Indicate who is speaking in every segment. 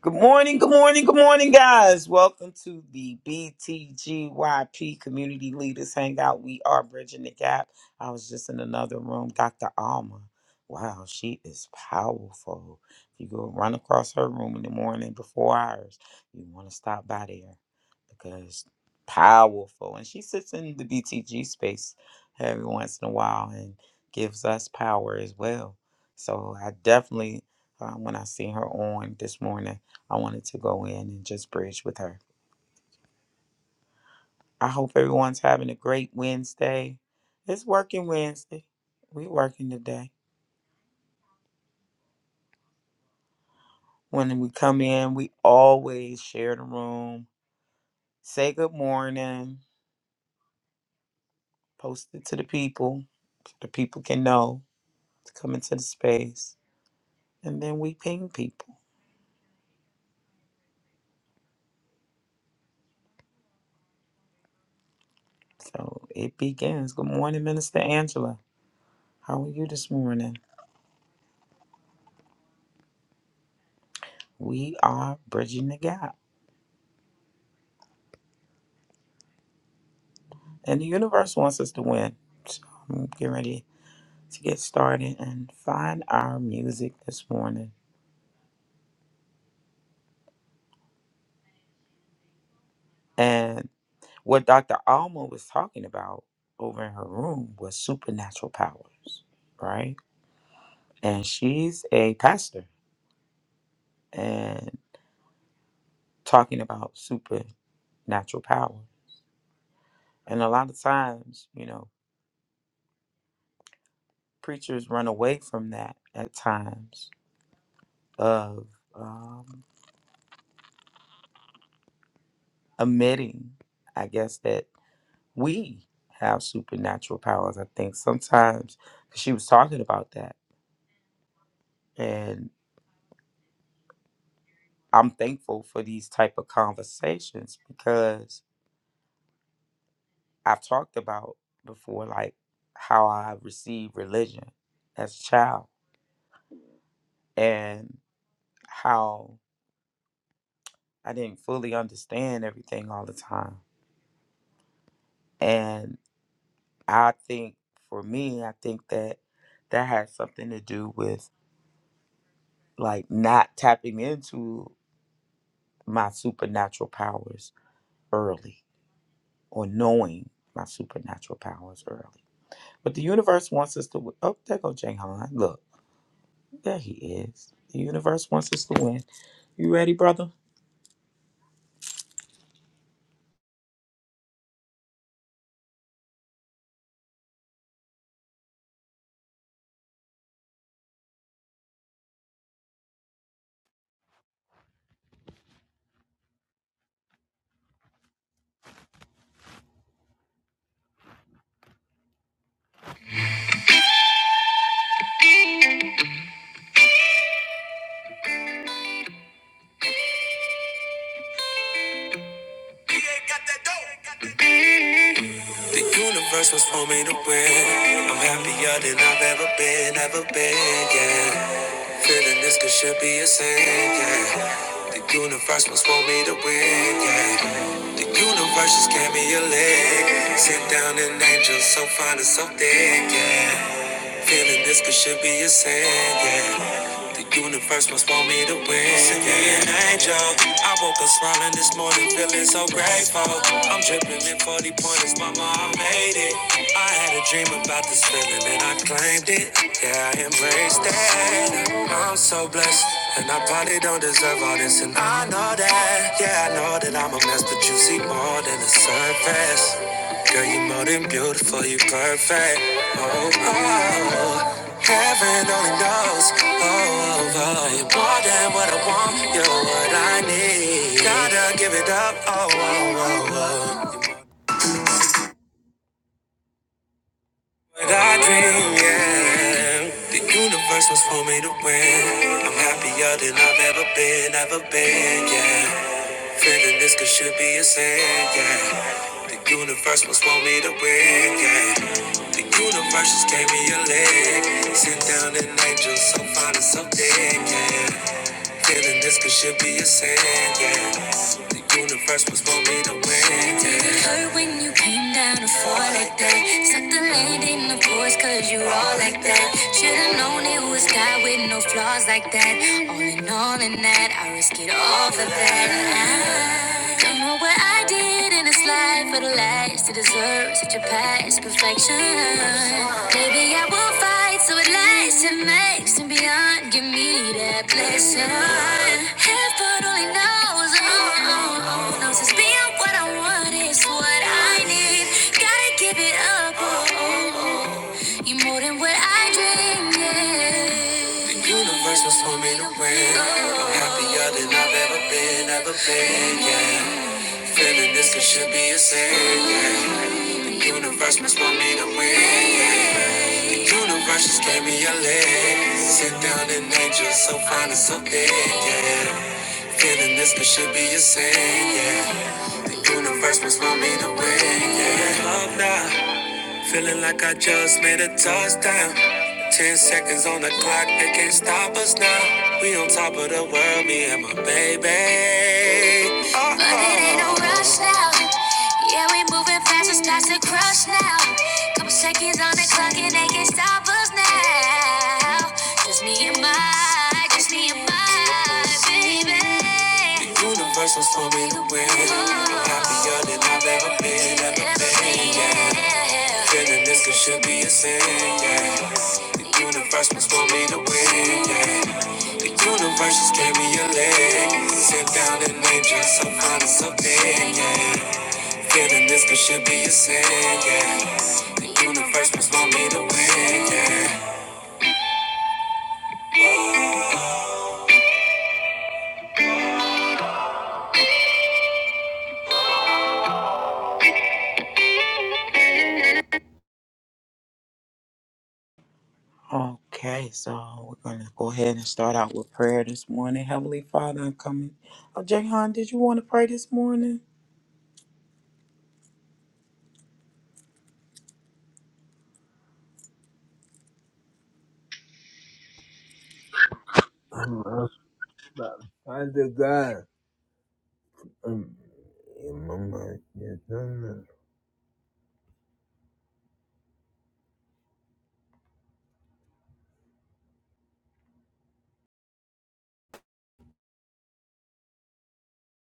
Speaker 1: Good morning, good morning, good morning, guys. Welcome to the BTGYP Community Leaders Hangout. We are bridging the gap. I was just in another room, Dr. Alma. Wow, she is powerful. If you go run across her room in the morning before hours, you want to stop by there because powerful. And she sits in the BTG space every once in a while and gives us power as well. So I definitely, uh, when I see her on this morning, I wanted to go in and just bridge with her. I hope everyone's having a great Wednesday. It's working Wednesday. We working today. When we come in, we always share the room, say good morning, post it to the people so the people can know to come into the space. And then we ping people. So it begins. Good morning, Minister Angela. How are you this morning? We are bridging the gap. And the universe wants us to win. So I'm getting ready to get started and find our music this morning. And what Dr. Alma was talking about over in her room was supernatural powers, right? And she's a pastor and talking about supernatural power. And a lot of times, you know, preachers run away from that at times of um, admitting, I guess, that. we have supernatural powers. I think sometimes she was talking about that, and I'm thankful for these type of conversations because I've talked about before, like how I received religion as a child and how I didn't fully understand everything all the time. And I think for me, I think that that has something to do with like not tapping into my supernatural powers early or knowing my supernatural powers early. But the universe wants us to win. Oh, there go Jahan. Look, there he is. The universe wants us to win. You ready, brother?
Speaker 2: The universe was for me to win. I'm happier than I've ever been, ever been, yeah. Feeling this could should be a sin, yeah. The universe was for me to win, yeah. The universe just gave me a leg. Sit down an angel so fine and so thick, yeah. Feeling this could should be a sin, yeah. The universe must want me to win. Send me an angel. I woke up smiling this morning, feeling so grateful. I'm dripping in 40 pointers, mama, I made it. I had a dream about this feeling and I claimed it. Yeah, I embraced it. I'm so blessed, and I probably don't deserve all this. And I know that, yeah, I know that I'm a mess, but you see more than the surface. Girl, you are more than beautiful, you are perfect. Oh, oh, oh. heaven only knows. Oh, oh, oh, you're more than what I want, you're what I need. Gotta give it up. Oh, oh, oh, oh. What I dream, yeah. The universe was for me to win. I'm happier than I've ever been, ever been, yeah. Feeling this could should be a sin, yeah. The universe must want me to win, yeah. The universe just gave me a leg. Sent down an angel so fine and so thick, yeah. Feeling this could should be a sin, yeah. The universe must want me to win, yeah. It hurt when you came down to fall like that. Suck the land in the voice cause you all like that. Should've known it was God with no flaws like that. All in all in that, I risk it all for that. I don't know what I did in this life for the last to deserve such a past perfection. Maybe I will fight so it lasts and makes and beyond. Give me that blessing. Heaven only knows, oh, oh, oh, knows it's being what I want is what I need. Gotta give it up, oh, oh, oh. you more than what I dreamed. Yeah. The universe was for me to win. I'm happier than I've ever been, ever been, yeah. Feeling this it should be a sin. yeah. Universe must want me to win. yeah. Universe just gave me a leg. Sit down and angel, so fine and so big. Yeah. Feeling this it should be a sin. Yeah. Universe must want me to win. Yeah. Up now, feeling like I just made a touchdown. Ten seconds on the clock, they can't stop us now. We on top of the world, me and my baby. But it ain't no rush now. Yeah, we moving fast, it's past the crush now. Couple seconds on the clock and they can't stop us now. Just me and my, just me and my baby. The universe was for me to win. I'm happier than I've ever been, ever been, yeah. Feeling this could should be a sin, yeah. The universe was for me to win, yeah. The universe just gave me a leg. Sit down and enjoy some fun and something, yeah. Feeling this could should be a sin, yeah. The universe must want me to win, yeah.
Speaker 1: Okay, so we're going to go ahead and start out with prayer this morning. Heavenly Father, I'm coming. Oh, Jahan, did you want to pray this morning?
Speaker 2: I'm up, I just got um, yeah, my mind, yes, I'm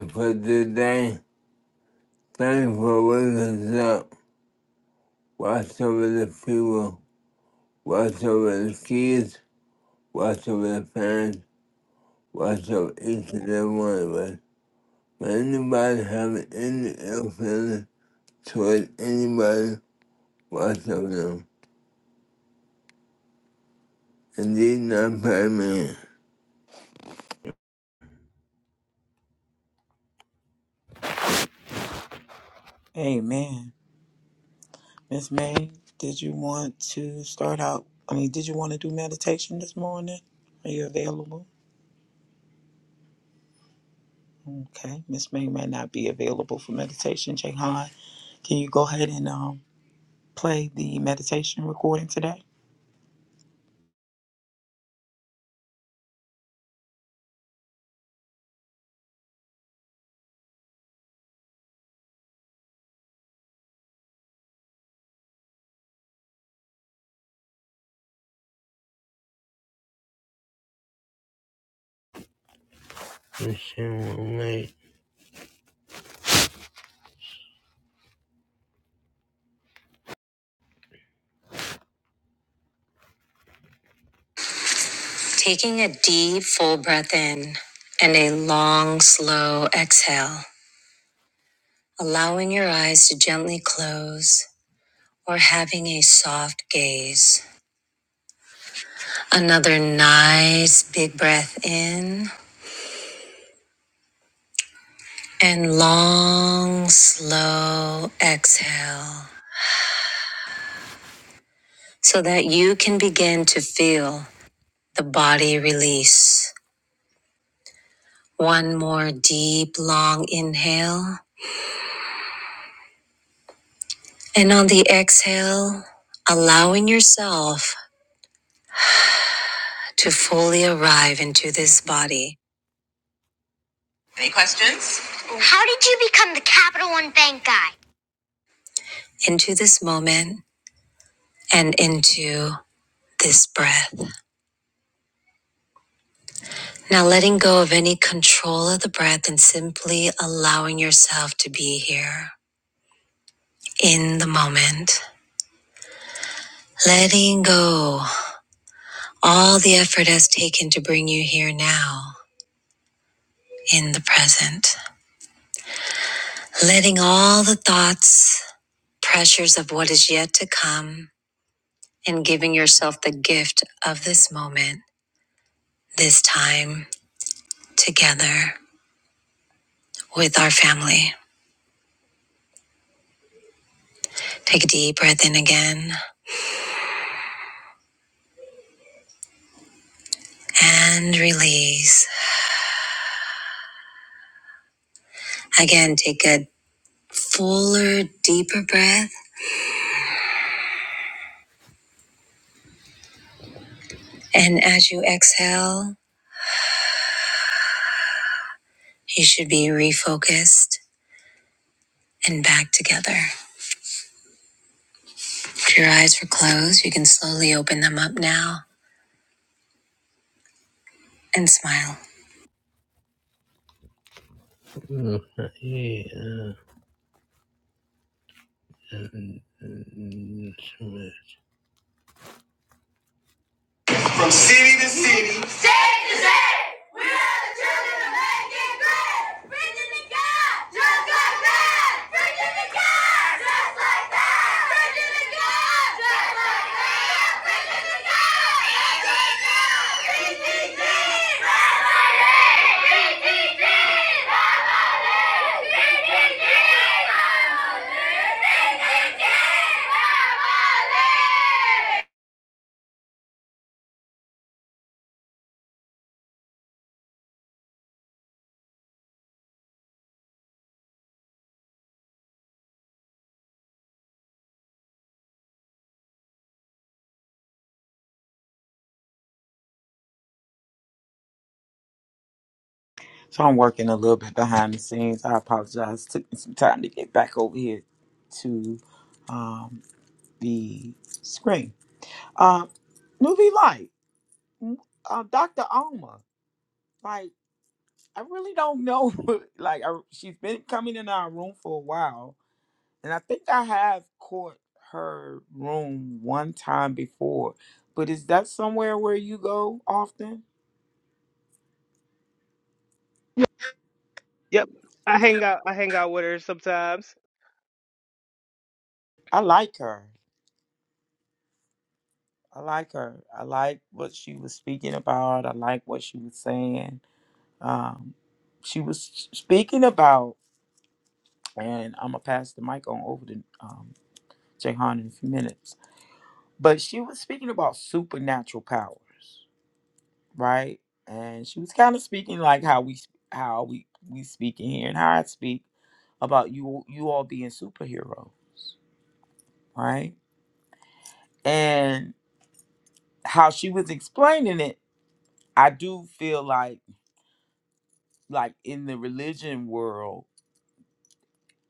Speaker 2: up. For today, thanks for waking us up. Watch over the people, watch over the kids, watch over the parents, watch over each and every one of us. for anybody have any ill feeling toward anybody whatsoever, and did not pay me.
Speaker 1: Amen. Miss May, did you want to start out? I mean, did you want to do meditation this morning? Are you available? Okay, Miss May may not be available for meditation. Jahan, can you go ahead and um, play the meditation recording today?
Speaker 2: Amen. Taking a deep, full breath in and a long, slow exhale, allowing your eyes to gently close or having a soft gaze. Another nice, big breath in and long, slow exhale so that you can begin to feel the body release. One more deep, long inhale. And on the exhale, allowing yourself to fully arrive into this body. How did you become the Capital One Bank guy? Into this moment and into this breath. Now letting go of any control of the breath and simply allowing yourself to be here in the moment. Letting go all the effort has taken to bring you here now in the present, letting all the thoughts, pressures of what is yet to come, and giving yourself the gift of this moment, this time together with our family. Take a deep breath in again and release. Again, take a fuller, deeper breath. And as you exhale, you should be refocused and back together. If your eyes were closed, you can slowly open them up now and smile. From city to city, state to state, we are the children of making great. Virginia the God, just like that. Virginia the God, just like that. Virginia the God, just like that. Virginia the God, just like that. VTG, family. VTG, family. VTG, family. VTG, family.
Speaker 1: So I'm working a little bit behind the scenes. I apologize. Took me some time to get back over here to um, the screen. Uh, Nuvi Light, uh, Dr. Alma. Like I really don't know. like I, she's been coming in our room for a while, and I think I have caught her room one time before. But is that somewhere where you go often?
Speaker 3: Yep. I hang out I hang out with her sometimes.
Speaker 1: I like her. I like her. I like what she was speaking about. I like what she was saying. Um, she was speaking about, and I'm gonna pass the mic on over to um, Jahan in a few minutes. But she was speaking about supernatural powers right? And she was kind of speaking like how we how we we speak in here and how I speak about you you all being superhero, right? And how she was explaining it, I do feel like like in the religion world,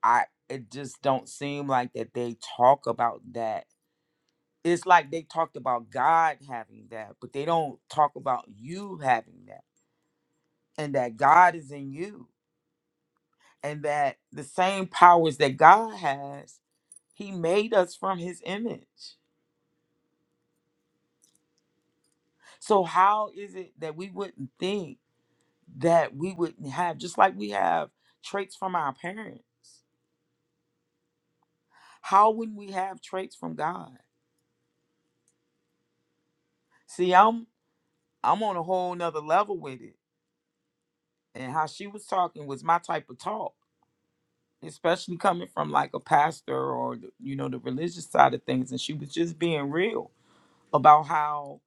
Speaker 1: I it just don't seem like that they talk about that. It's like they talked about God having that, but they don't talk about you having that and that God is in you and that the same powers that God has He made us from his image. So how is it that we wouldn't think that we wouldn't have just like we have traits from our parents? How wouldn't we have traits from God? See, I'm I'm on a whole nother level with it. And how she was talking was my type of talk, especially coming from like a pastor or the- you know the religious side of things and she was just being real about how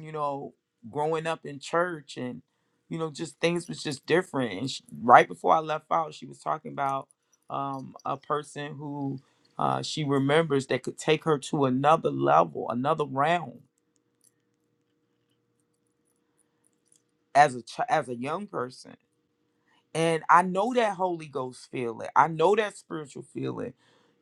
Speaker 1: you know growing up in church and you know just things was just different and sh right before i left out she was talking about um, a person who uh, she remembers that could take her to another level another realm as a ch- as a young person And I know that Holy Ghost feeling. I know that spiritual feeling.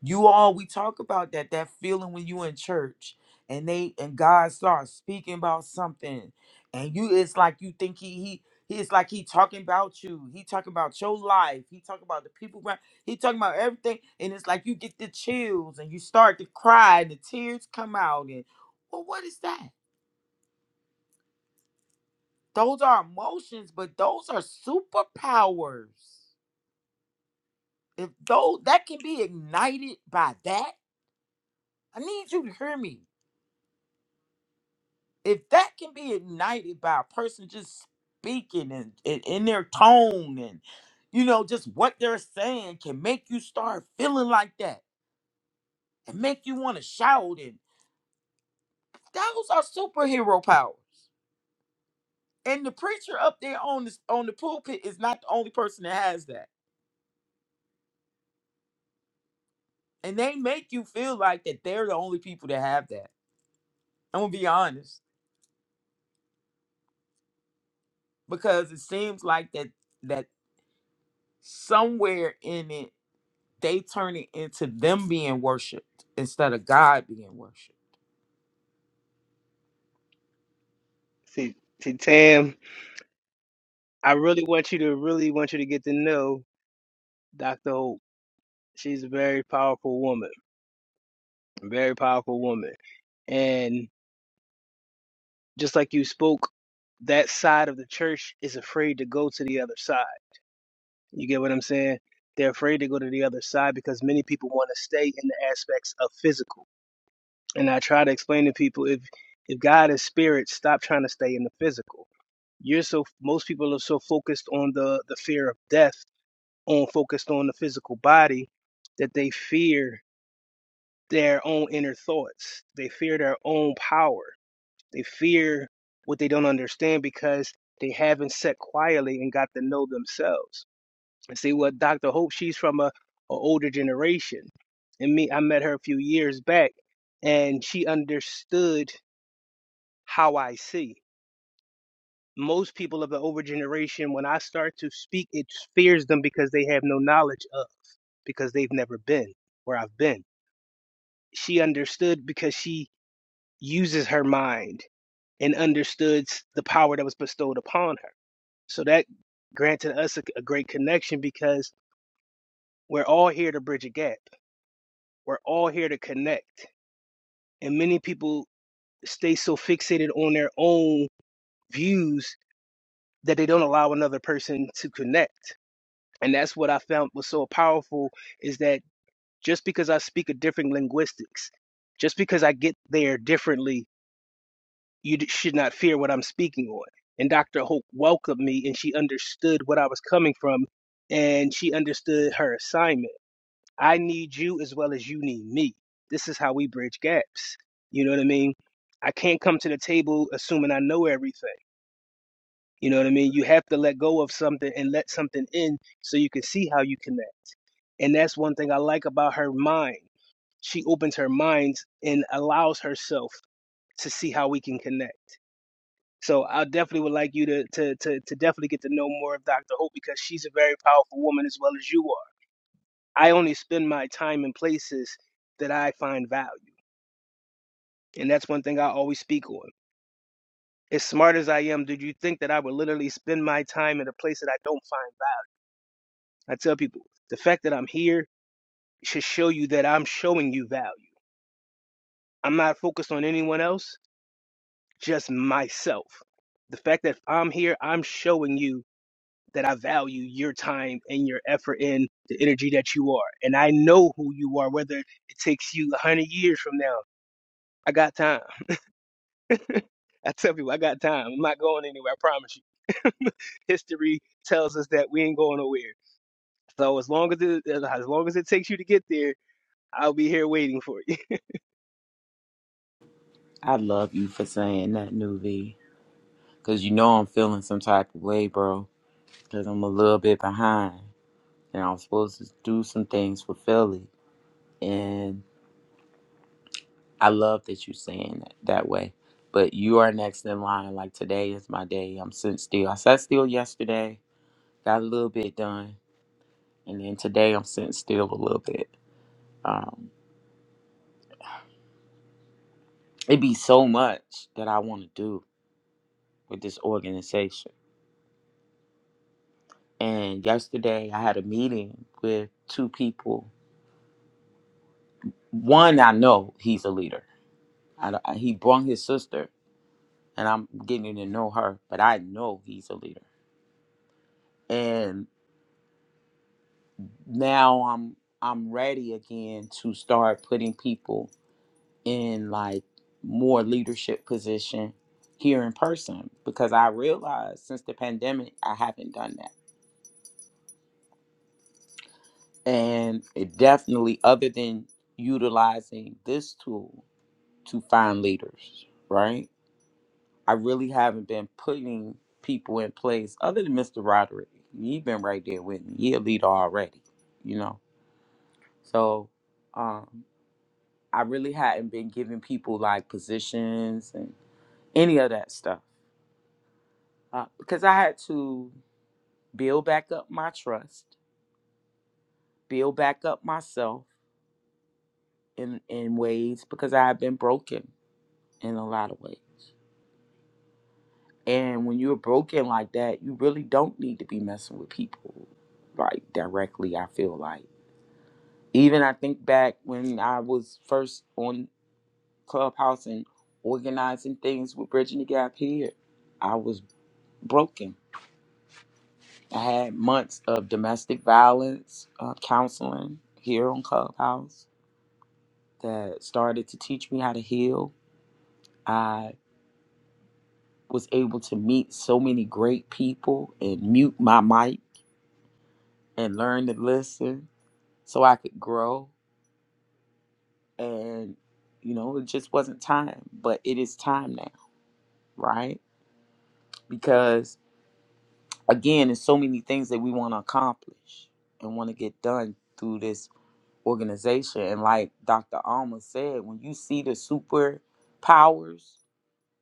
Speaker 1: You all, we talk about that, that feeling when you in church and they and God starts speaking about something. And you it's like you think he he he is like he talking about you. He talking about your life. He talking about the people around. He talking about everything. And it's like you get the chills and you start to cry and the tears come out. And well, what is that? Those are emotions, but those are superpowers if though that can be ignited by that, I need you to hear me. If that can be ignited by a person just speaking and, and in their tone and you know just what they're saying can make you start feeling like that and make you want to shout and those are superhero powers. And the preacher up there on the on the pulpit is not the only person that has that. And they make you feel like that they're the only people that have that. I'm gonna be honest because it seems like that that somewhere in it they turn it into them being worshipped instead of god being worshipped
Speaker 3: See see Tam, I really want you to really want you to get to know Dr. Hope. She's a very powerful woman. A very powerful woman. And just like you spoke, that side of the church is afraid to go to the other side. You get what I'm saying? They're afraid to go to the other side because many people want to stay in the aspects of physical. And I try to explain to people if if God is spirit, stop trying to stay in the physical You're so most people are so focused on the the fear of death, on focused on the physical body, that they fear their own inner thoughts. They fear their own power. They fear what they don't understand because they haven't sat quietly and got to know themselves. And see what Dr. Hope, she's from a, a older generation. And me, I met her a few years back and she understood how I see. most people of the older generation, when I start to speak, it fears them because they have no knowledge of, because they've never been where I've been. She understood because she uses her mind and understood the power that was bestowed upon her. So that granted us a, a great connection because we're all here to bridge a gap. We're all here to connect. And many people stay so fixated on their own views that they don't allow another person to connect and that's what I found was so powerful is that just because I speak a different linguistics, just because I get there differently, you d- should not fear what I'm speaking on. And Dr. Hope welcomed me, and she understood what I was coming from, and she understood her assignment. I need you as well as you need me. This is how we bridge gaps. You know what I mean? I can't come to the table assuming I know everything. You know what I mean? You have to let go of something and let something in so you can see how you connect And that's one thing I like about her mind. She opens her mind and allows herself to see how we can connect. So I definitely would like you to to to, to definitely get to know more of Dr. Hope because she's a very powerful woman as well as you are. I only spend my time in places that I find value. And that's one thing I always speak on. As smart as I am, did you think that I would literally spend my time in a place that I don't find value? I tell people, the fact that I'm here should show you that I'm showing you value. I'm not focused on anyone else. just myself. The fact that I'm here, I'm showing you that I value your time and your effort and the energy that you are. And I know who you are, whether it takes you 100 years from now. I got time. I tell people, I got time. I'm not going anywhere, I promise you. History tells us that we ain't going nowhere. So as long as it, as long as it takes you to get there, I'll be here waiting for you.
Speaker 1: I love you for saying that, New Because you know I'm feeling some type of way, bro. Because I'm a little bit behind. And I'm supposed to do some things for Philly. And I love that you're saying that, that way. But you are next in line. Like today is my day. I'm sitting still. I sat still yesterday, got a little bit done. And then today I'm sitting still a little bit. Um, it be so much that I want to do with this organization. And yesterday I had a meeting with two people. One, I know he's a leader. I, don't- he brung his sister, and I'm getting to know her, but I know he's a leader. And now I'm I'm ready again to start putting people in like more leadership position here in person because I realized since the pandemic I haven't done that. And it definitely, other than utilizing this tool to find leaders, right? I really haven't been putting people in place other than Mr. Roderick. He's been right there with me. He a leader already, you know? So um, I really hadn't been giving people like positions and any of that stuff uh, because I had to build back up my trust, build back up myself in in ways because I had been broken in a lot of ways. And when you're broken like that, you really don't need to be messing with people like directly, I feel like. Even I think back when I was first on Clubhouse and organizing things with Bridging the Gap here, I was broken. I had months of domestic violence uh, counseling here on Clubhouse that started to teach me how to heal. I was able to meet so many great people and mute my mic and learn to listen so I could grow. And, you know, it just wasn't time, but it is time now, right? Because, again, there's so many things that we want to accomplish and want to get done through this organization. And, like Dr. Alma said, when you see the superpowers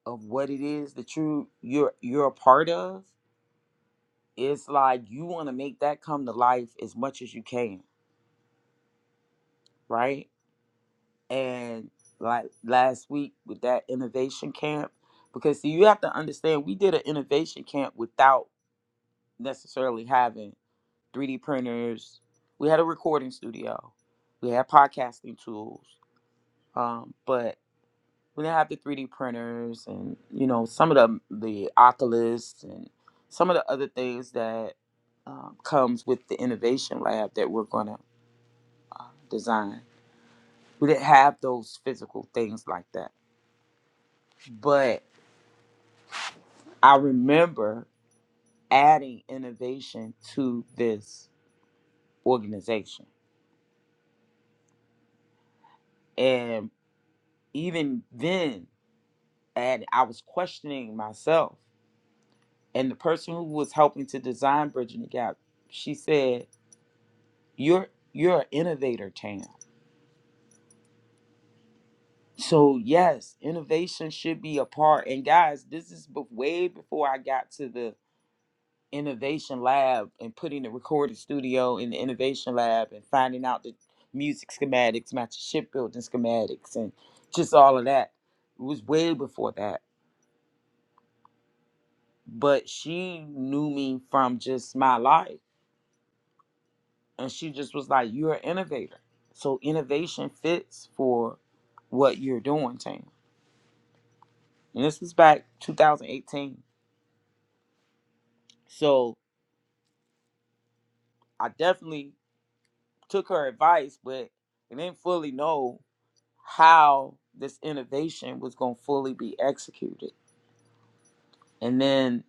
Speaker 1: of what it is that you you're you're a part of it's like you want to make that come to life as much as you can right and like last week with that innovation camp because see, you have to understand we did an innovation camp without necessarily having 3d printers we had a recording studio we had podcasting tools um, but we didn't have the 3d printers and you know some of the the oculus and some of the other things that um, comes with the innovation lab that we're going to uh, design we didn't have those physical things like that but I remember adding innovation to this organization. And even then, and I was questioning myself. And the person who was helping to design Bridging the Gap, she said, You're you're an innovator, Tam. So yes, innovation should be a part. And guys, this is bef- way before I got to the innovation lab and putting the recording studio in the innovation lab and finding out the music schematics, matching shipbuilding schematics, and just all of that. It was way before that. But she knew me from just my life. And she just was like, You're an innovator. So innovation fits for what you're doing, Tam. And this was back 2018. So I definitely took her advice, but I didn't fully know how this innovation was going to fully be executed. And then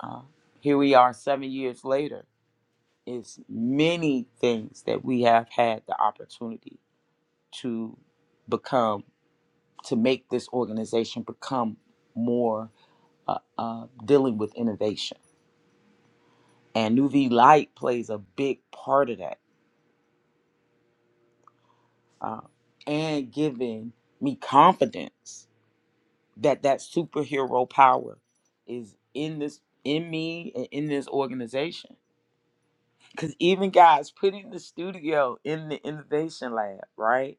Speaker 1: uh, here we are seven years later. It's many things that we have had the opportunity to become, to make this organization become more uh, uh, dealing with innovation. And Nuvi Light plays a big part of that uh, and giving me confidence that that superhero power is in this in me and in this organization because even guys putting the studio in the innovation lab right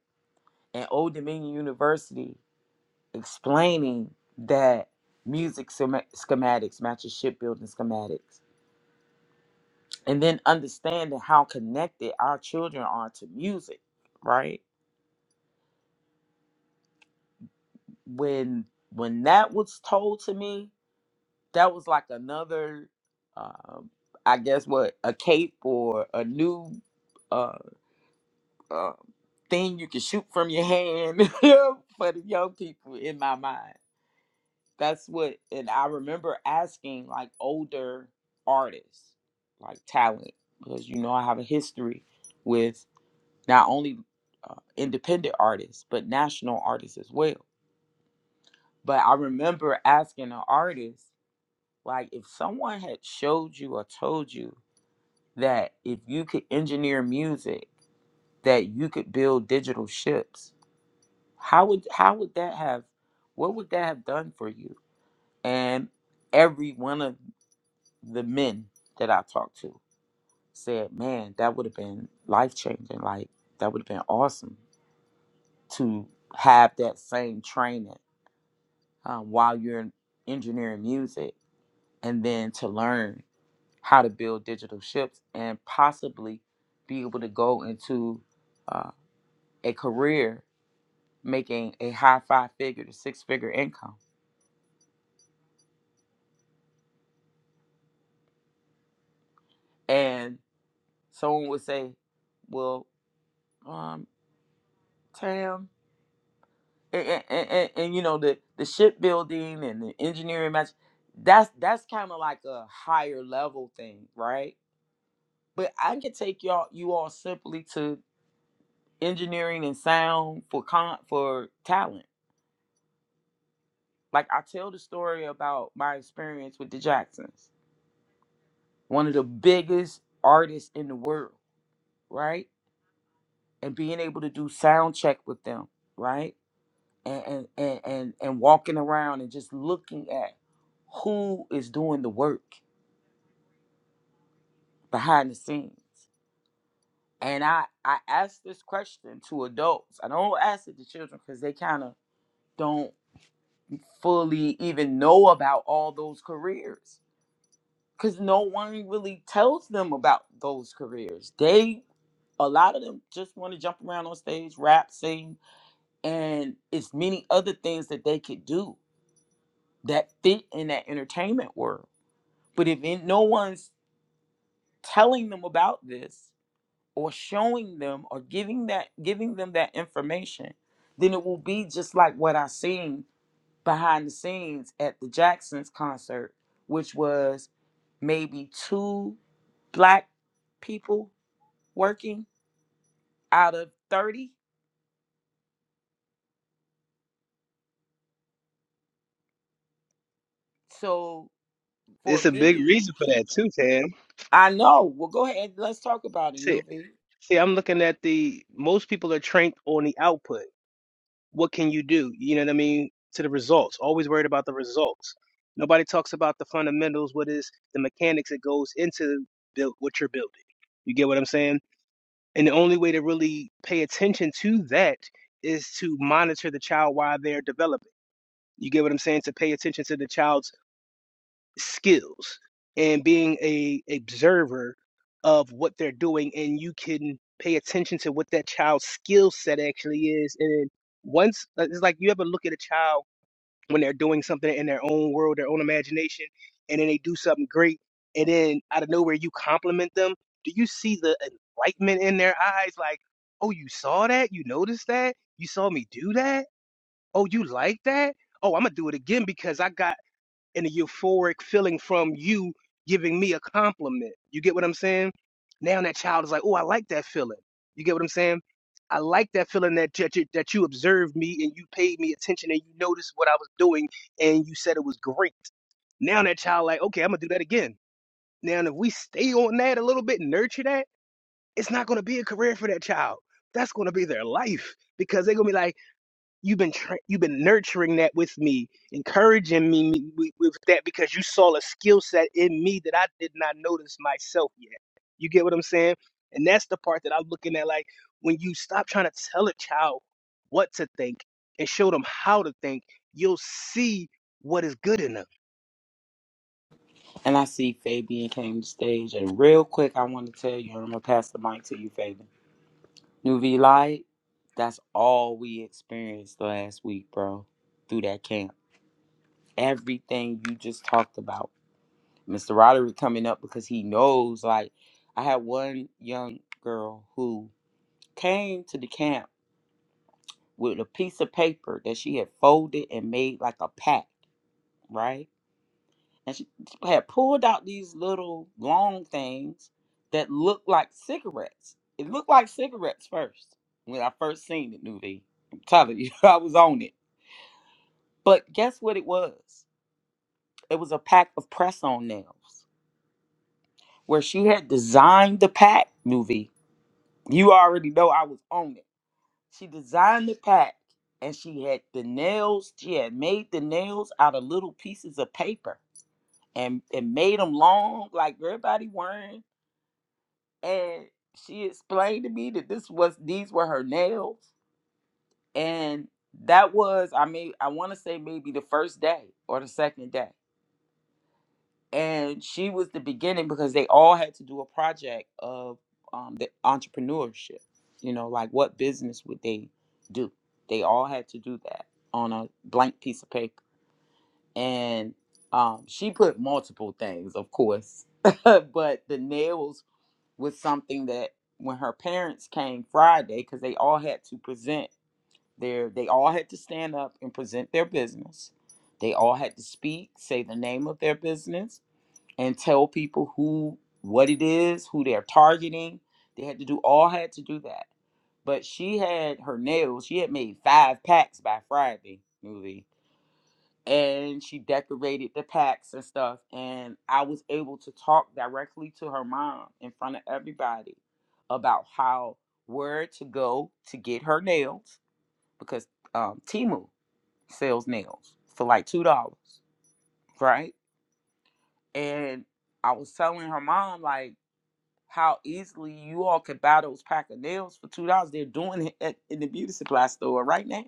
Speaker 1: and old dominion university explaining that music schema- schematics matches shipbuilding schematics and then understanding how connected our children are to music right when when that was told to me that was like another um i guess what a cape or a new uh, uh thing you can shoot from your hand for the young people in my mind that's what and i remember asking like older artists like talent because you know i have a history with not only uh, independent artists but national artists as well but i remember asking an artist like if someone had showed you or told you that if you could engineer music, that you could build digital ships. How would how would that have what would that have done for you? And every one of the men that I talked to said, "Man, that would have been life changing. Like that would have been awesome to have that same training um, while you're engineering music, and then to learn how to build digital ships and possibly be able to go into." uh, a career making a high five figure to six figure income. And someone would say, Well, um, Tam, and, and, and, and- and, you know, the, the shipbuilding and the engineering match, that's that's kind of like a higher level thing, right? But I can take y'all you all simply to engineering and sound for con for talent. Like I tell the story about my experience with the Jacksons, one of the biggest artists in the world, right? and being able to do sound check with them, right? And and and and, and walking around and just looking at who is doing the work behind the scenes. And I I ask this question to adults. I don't ask it to children because they kind of don't fully even know about all those careers because no one really tells them about those careers. They a lot of them just want to jump around on stage, rap, sing, and it's many other things that they could do that fit in that entertainment world. But if in, no one's telling them about this or showing them or giving that giving them that information, then it will be just like what I seen behind the scenes at the Jacksons concert, which was maybe two black people working out of 30. So for
Speaker 3: It's a big
Speaker 1: me,
Speaker 3: reason for that too, Tam.
Speaker 1: I know. Well, go ahead. Let's talk about it,
Speaker 3: See,
Speaker 1: Nuvi.
Speaker 3: see, I'm looking at the most people are trained on the output. what can you do? You know what I mean? To the results. Always worried about the results. Nobody talks about the fundamentals, what is the mechanics that goes into build what you're building. You get what I'm saying? And the only way to really pay attention to that is to monitor the child while they're developing. You get what I'm saying? To pay attention to the child's skills and being a observer of what they're doing and you can pay attention to what that child's skill set actually is and then once like, it's like you ever look at a child when they're doing something in their own world their own imagination and then they do something great and then out of nowhere you compliment them do you see the enlightenment in their eyes like oh you saw that you noticed that you saw me do that oh you like that oh i'm gonna do it again because i got and a euphoric feeling from you giving me a compliment. You get what I'm saying? Now that child is like, oh, I like that feeling. You get what I'm saying? I like that feeling that that you, that you observed me and you paid me attention and you noticed what I was doing and you said it was great. Now that child like, okay, I'm gonna do that again. Now if we stay on that a little bit, and nurture that, it's not gonna be a career for that child. That's gonna be their life because they're gonna be like you've been tra- you've been nurturing that with me, encouraging me me- with with that because you saw a skill set in me that I did not notice myself yet. You get what I'm saying? And that's the part that I'm looking at. Like when you stop trying to tell a child what to think and show them how to think, you'll see what is good in them.
Speaker 1: And I see Fabian came to stage. And real quick, I want to tell you, I'm going to pass the mic to you, Fabian. New V Light, that's all we experienced last week, bro, through that camp. Everything you just talked about. Mr. Roderick coming up because he knows, like, I had one young girl who came to the camp with a piece of paper that she had folded and made like a pack, right? and she had pulled out these little long things that looked like cigarettes. It looked like cigarettes first when I first seen it, Nuvi. I'm telling you, I was on it. But guess what it was? It was a pack of press on nails where she had designed the pack, Nuvi. You already know I was on it. She designed the pack and she had the nails, she had made the nails out of little pieces of paper and, and made them long like everybody wearing and she explained to me that this was these were her nails and that was i mean i want to say maybe the first day or the second day and she was the beginning because they all had to do a project of um, the entrepreneurship you know like what business would they do they all had to do that on a blank piece of paper and um, she put multiple things of course but the nails was something that when her parents came Friday, because they all had to present their, they all had to stand up and present their business. They all had to speak, say the name of their business, and tell people who, what it is, who they're targeting. They had to do, all had to do that. But she had her nails, she had made five packs by Friday, and she decorated the packs and stuff and i was able to talk directly to her mom in front of everybody about how where to go to get her nails because um, timu sells nails for like two dollars right and i was telling her mom like how easily you all could buy those pack of nails for two dollars they're doing it at, in the beauty supply store right now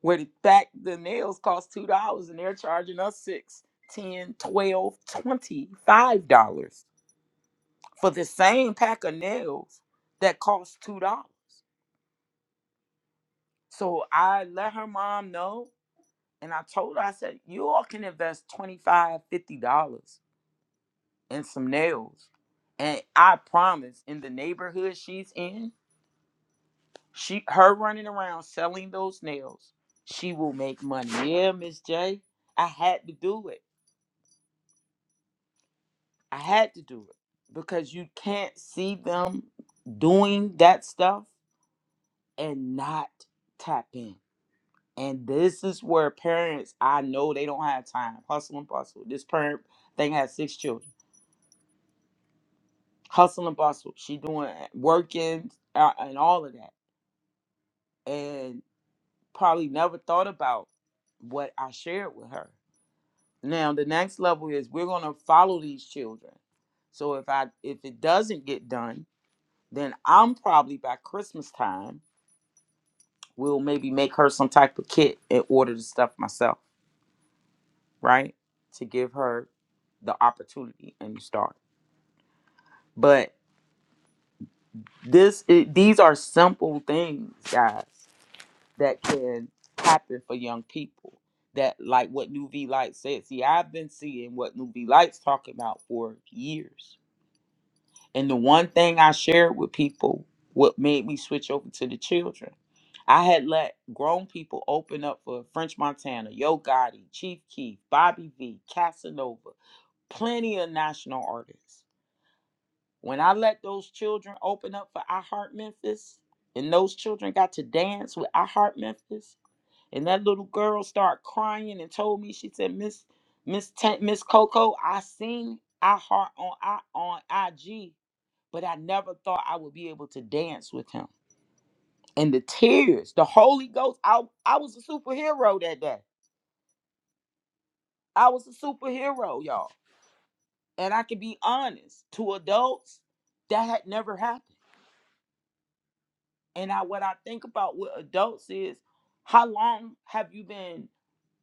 Speaker 1: Where back the nails cost two dollars and they're charging us six, ten, twelve, twenty, five dollars for the same pack of nails that cost two dollars. So I let her mom know and I told her, I said, you all can invest twenty-five, fifty dollars in some nails. And I promise in the neighborhood she's in, she her running around selling those nails, she will make money. Yeah, Miss J. I had to do it. I had to do it because you can't see them doing that stuff and not tap in. And this is where parents, I know they don't have time. Hustle and bustle. This parent thing has six children. Hustle and bustle. She doing eh, working uh, and all of that, and probably never thought about what I shared with her. Now the next level is we're gonna follow these children. So if I if it doesn't get done, Then I'm probably by Christmas time will maybe make her some type of kit and order the stuff myself, right? To give her the opportunity and the start. But this it, these are simple things, guys, that can happen for young people. That like what New V Light said. See, I've been seeing what New V Light's talking about for years And the one thing I shared with people, what made me switch over to the children, I had let grown people open up for French Montana, Yo Gotti, Chief Keef, Bobby V, Casanova, plenty of national artists. When I let those children open up for I Heart Memphis, and those children got to dance with I Heart Memphis, and that little girl started crying and told me, she said, Miss Miss Tan- Miss Coco, I seen I heart on I on IG, but I never thought I would be able to dance with him. And the tears, the Holy Ghost, I I was a superhero that day. I was a superhero, y'all. And I can be honest, to adults, that had never happened. And I what I think about with adults is how long have you been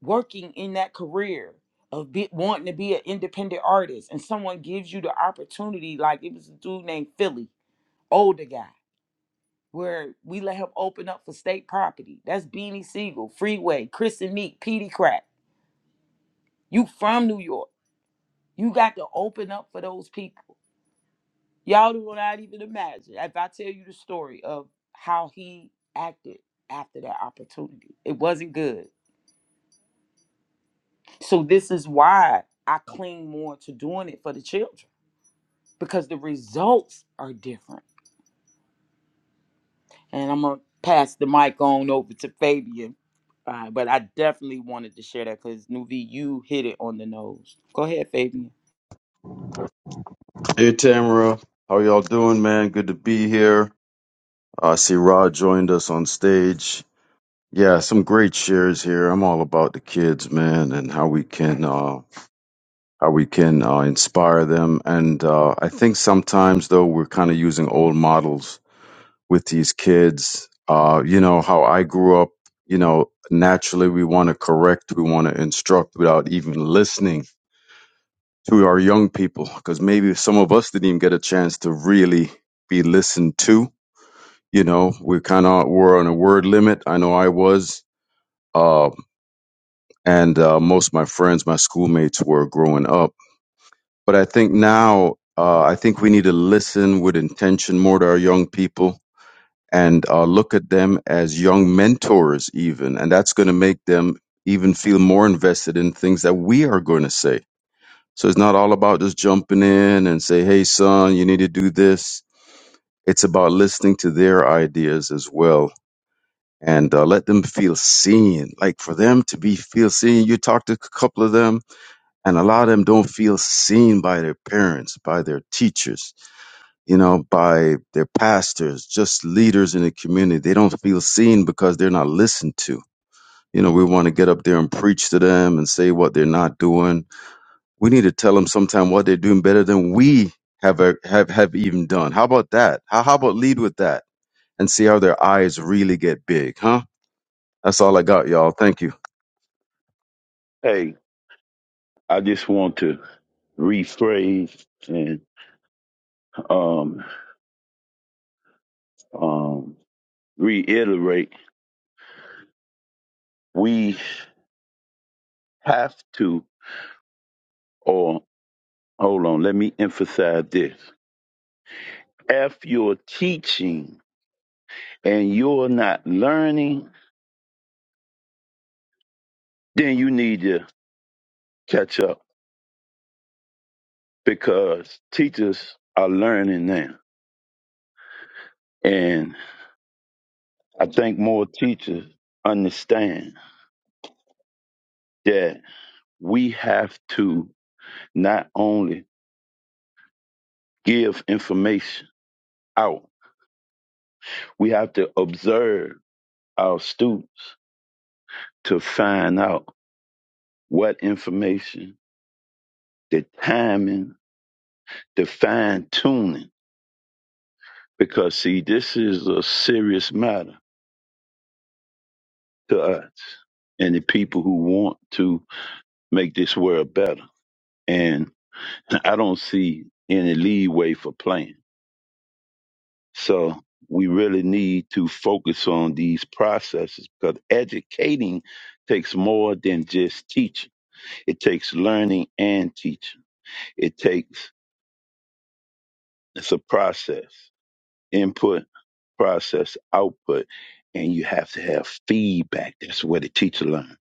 Speaker 1: working in that career of be, wanting to be an independent artist and someone gives you the opportunity like it was a dude named Philly, older guy, where we let him open up for state property. That's Beanie Siegel, Freeway, Chris and Meek, Petey Crack. You from New York. You got to open up for those people Y'all do not even imagine. If I tell you the story of how he acted after that opportunity, it wasn't good. So this is why I cling more to doing it for the children because the results are different. And I'm gonna pass the mic on over to Fabian, uh, but I definitely wanted to share that because Nuvi, you hit it on the nose. Go ahead, Fabian.
Speaker 4: Hey Tamara, how y'all doing, man? Good to be here. Uh, I see Rod joined us on stage. Yeah, some great shares here. I'm all about the kids, man, and how we can uh, how we can uh, inspire them. And uh, I think sometimes though we're kind of using old models with these kids. Uh, you know how I grew up. You know, naturally we want to correct, we want to instruct without even listening to our young people because maybe some of us didn't even get a chance to really be listened to. You know, we kind of were on a word limit. I know I was, uh, and uh, most of my friends, my schoolmates, were growing up. But I think now, uh, I think we need to listen with intention more to our young people and uh, look at them as young mentors, even, and that's going to make them even feel more invested in things that we are going to say So it's not all about just jumping in and say, "Hey, son, you need to do this." It's about listening to their ideas as well and uh, let them feel seen. Like for them to be feel seen, you talk to a couple of them, and a lot of them don't feel seen by their parents, by their teachers, you know, by their pastors, just leaders in the community. They don't feel seen because they're not listened to. You know, we want to get up there and preach to them and say what they're not doing We need to tell them sometime what they're doing better than we have a, have have even done. How about that? How how about lead with that and see how their eyes really get big, huh? That's all I got, y'all. Thank you.
Speaker 5: Hey, I just want to rephrase and um, um, reiterate. We have to, or hold on, let me emphasize this. If you're teaching and you're not learning, then you need to catch up because teachers are learning now. And I think more teachers understand that we have to not only give information out, We have to observe our students to find out what information, the timing, the fine tuning, because see, this is a serious matter to us and the people who want to make this world better. And I don't see any leeway for playing. So we really need to focus on these processes because educating takes more than just teaching. It takes learning and teaching. It takes, it's a process, input, process, output, and you have to have feedback. That's where the teacher learns,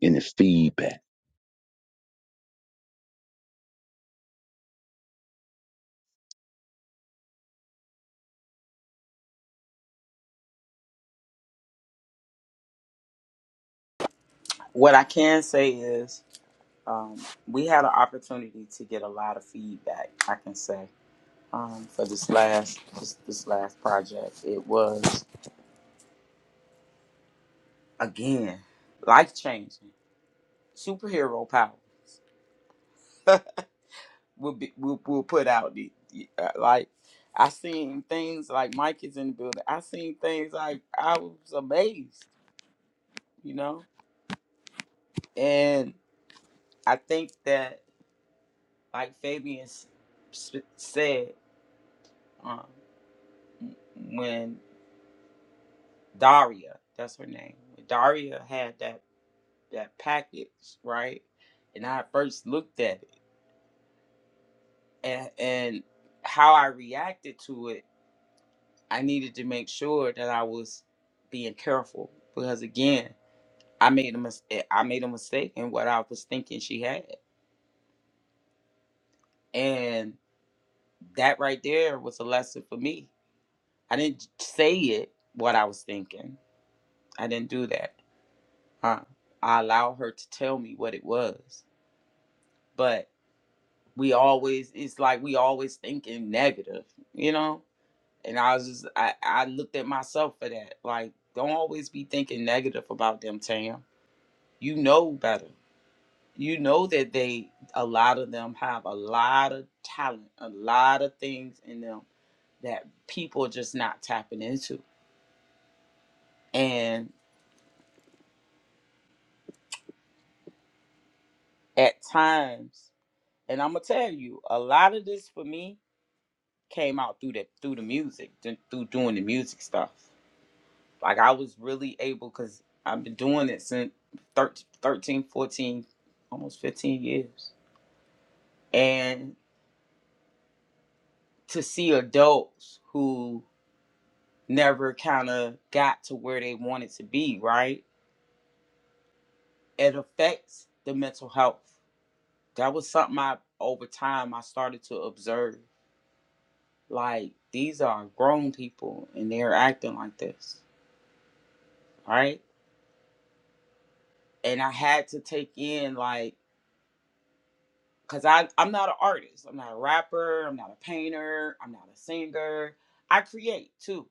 Speaker 5: and it's feedback.
Speaker 1: What I can say is um, we had an opportunity to get a lot of feedback, I can say. um, for this last this, this last project. It was again life changing. Superhero powers will be will will put out the the, uh, like I seen things like Mike is in the building. I seen things like I was amazed, you know. And I think that like Fabian s- sp- said um, when Daria, that's her name, when Daria had that. that package, right? And I first looked at it and, and how I reacted to it, I needed to make sure that I was being careful because again, I made a mistake. I made a mistake in what I was thinking she had, and that right there was a lesson for me. I didn't say it what I was thinking. I didn't do that. Huh. I allowed her to tell me what it was, but we always it's like we always thinking negative, you know And I was just I, I looked at myself for that. Like, don't always be thinking negative about them, Tam. You know better. You know that they a lot of them have a lot of talent, a lot of things in them that people are just not tapping into. And at times, and I'm gonna tell you, a lot of this for me came out through the through the music, th- through doing the music stuff. Like I was really able because I've been doing it since 13, fourteen, almost 15 years. And to see adults who never kind of got to where they wanted to be, right? It affects the mental health. That was something I, over time, I started to observe. Like, these are grown people and they're acting like this, right? And I had to take in, like, because I I'm not an artist. I'm not a rapper. I'm not a painter. I'm not a singer. I create too.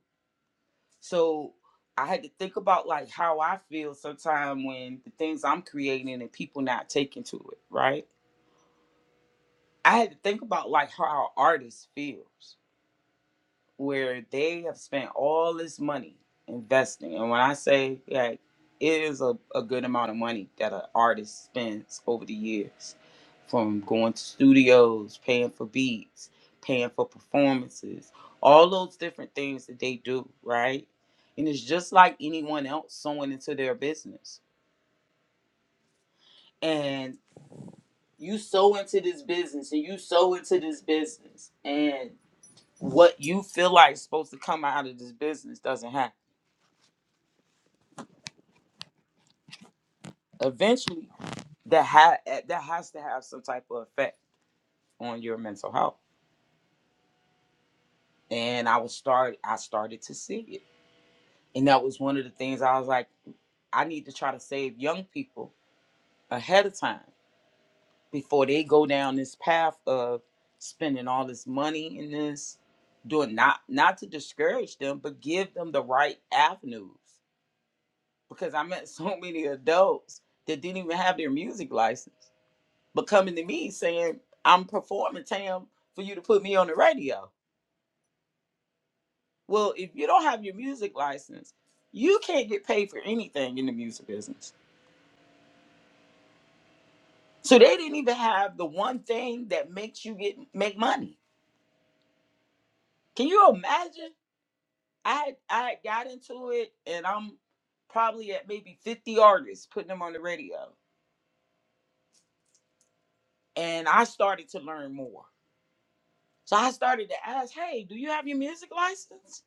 Speaker 1: So I had to think about like how I feel sometimes when the things I'm creating and people not taking to it. Right. I had to think about like how our artist feels. where they have spent all this money investing. And when I say like it is a, a good amount of money that an artist spends over the years from going to studios, paying for beats, paying for performances, all those different things that they do, right? And it's just like anyone else sewing into their business. And you sow into this business and you sow into this business and what you feel like is supposed to come out of this business doesn't happen eventually that ha- that has to have some type of effect on your mental health and i was start i started to see it and that was one of the things i was like i need to try to save young people ahead of time before they go down this path of spending all this money in this doing not not to discourage them but give them the right avenues because i met so many adults that didn't even have their music license but coming to me saying I'm performing, Tam, for you to put me on the radio. Well, if you don't have your music license, you can't get paid for anything in the music business. So they didn't even have the one thing that makes you get make money. Can you imagine? I had I had got into it and I'm probably at maybe 50 artists putting them on the radio. And I started to learn more. So I started to ask, hey, do you have your music license?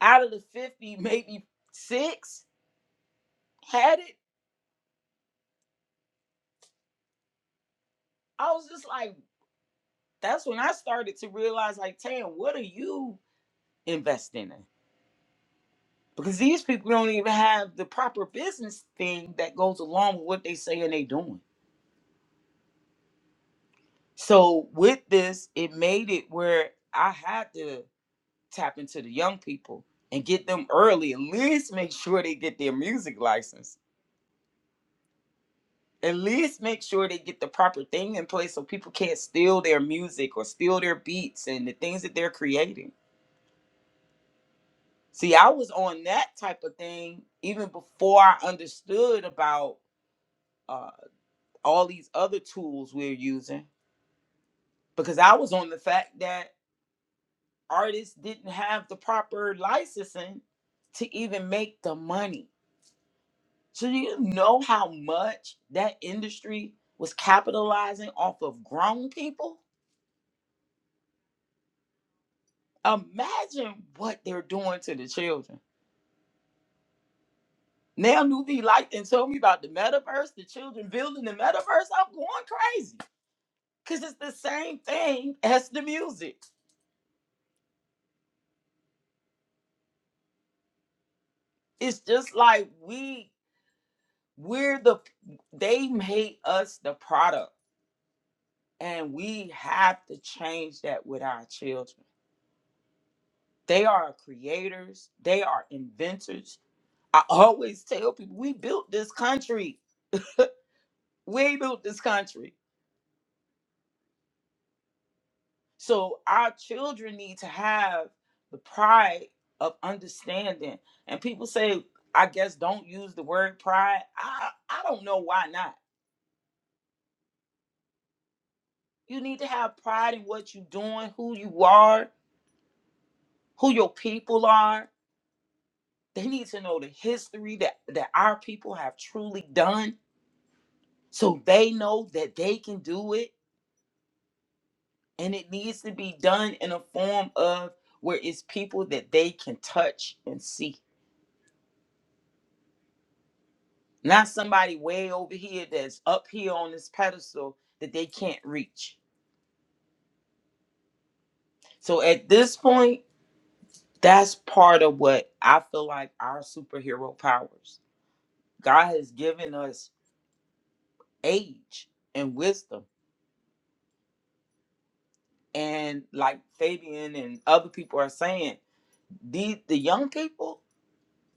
Speaker 1: Out of the 50, maybe six had it I was just like, that's when I started to realize, like, Tam, what are you investing in? Because these people don't even have the proper business thing that goes along with what they say and they doing. So with this, it made it where I had to tap into the young people and get them early, at least make sure they get their music license. At least make sure they get the proper thing in place so people can't steal their music or steal their beats and the things that they're creating See, I was on that type of thing even before I understood about uh, all these other tools we're using because I was on the fact that artists didn't have the proper licensing to even make the money. So, do you know how much that industry was capitalizing off of grown people? Imagine what they're doing to the children. Now, Nuvi liked and told me about the metaverse, the children building the metaverse. I'm going crazy. Cause it's the same thing as the music. It's just like we we're the they made us the product and we have to change that with our children. They are creators, they are inventors. I always tell people we built this country. We built this country. So our children need to have the pride of understanding. And people say, I guess don't use the word pride. I I don't know why not You need to have pride in what you're doing, who you are, who your people are. They need to know the history that, that our people have truly done so they know that they can do it. And it needs to be done in a form of where it's people that they can touch and see, not somebody way over here that's up here on this pedestal that they can't reach. So at this point, that's part of what I feel like our superhero powers. God has given us age and wisdom. And like Fabian and other people are saying, the the young people,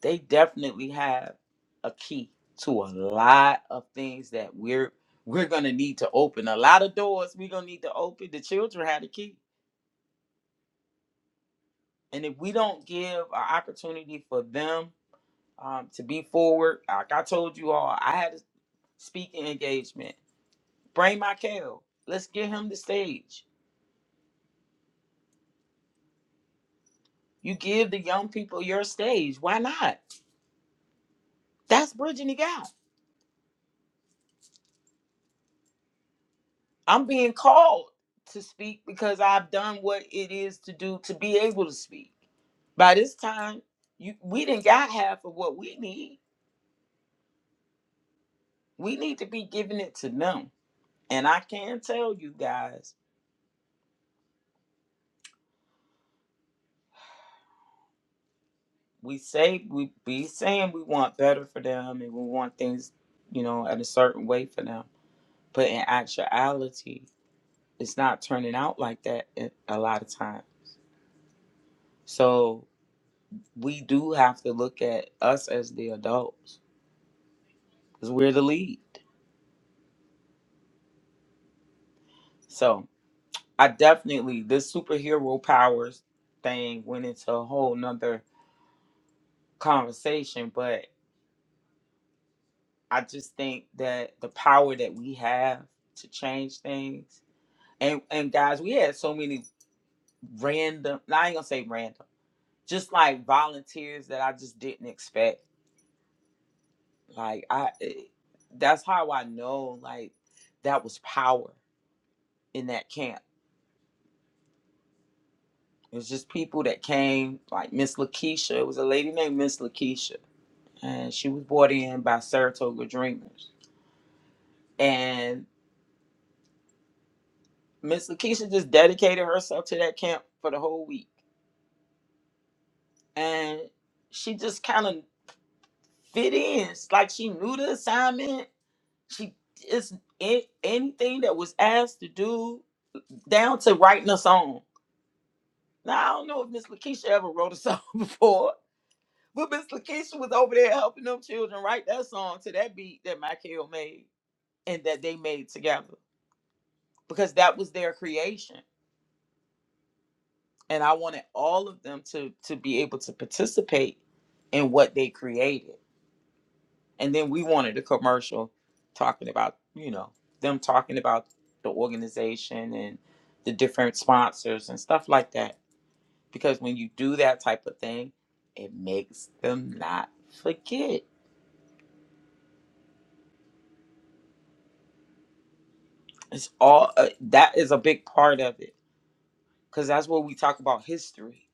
Speaker 1: they definitely have a key to a lot of things that we're we're gonna need to open. A lot of doors we're gonna need to open. The children have the key. And if we don't give an opportunity for them um, to be forward, like I told you all, I had a speaking engagement. Bring my Kale. Let's give him the stage. You give the young people your stage. Why not? That's bridging the gap. I'm being called to speak because I've done what it is to do to be able to speak. By this time, you we didn't got half of what we need. We need to be giving it to them. And I can tell you guys, we say we be saying we want better for them and we want things, you know, at a certain way for them. But in actuality, it's not turning out like that a a lot of time. So we do have to look at us as the adults because we're the lead. So I definitely this superhero powers thing went into a whole nother conversation, but I just think that the power that we have to change things and and guys, we had so many random. nah, I ain't gonna say random, just like volunteers that I just didn't expect. Like I, it, that's how I know like that was power in that camp It was just people that came, like Miss Lakeisha. It was a lady named Miss Lakeisha, and she was brought in by Saratoga Dreamers. And Miss Lakeisha just dedicated herself to that camp for the whole week. And she just kind of fit in. It's like she knew the assignment. She just, a- anything that was asked to do, down to writing a song. Now, I don't know if Miss Lakeisha ever wrote a song before, But Miss Lakeisha was over there helping them children write that song to that beat that Michael made and that they made together because that was their creation. And I wanted all of them to to be able to participate in what they created. And then we wanted a commercial talking about, you know, them talking about the organization and the different sponsors and stuff like that. Because when you do that type of thing, it makes them not forget. It's all uh, that is a big part of it because that's what we talk about history.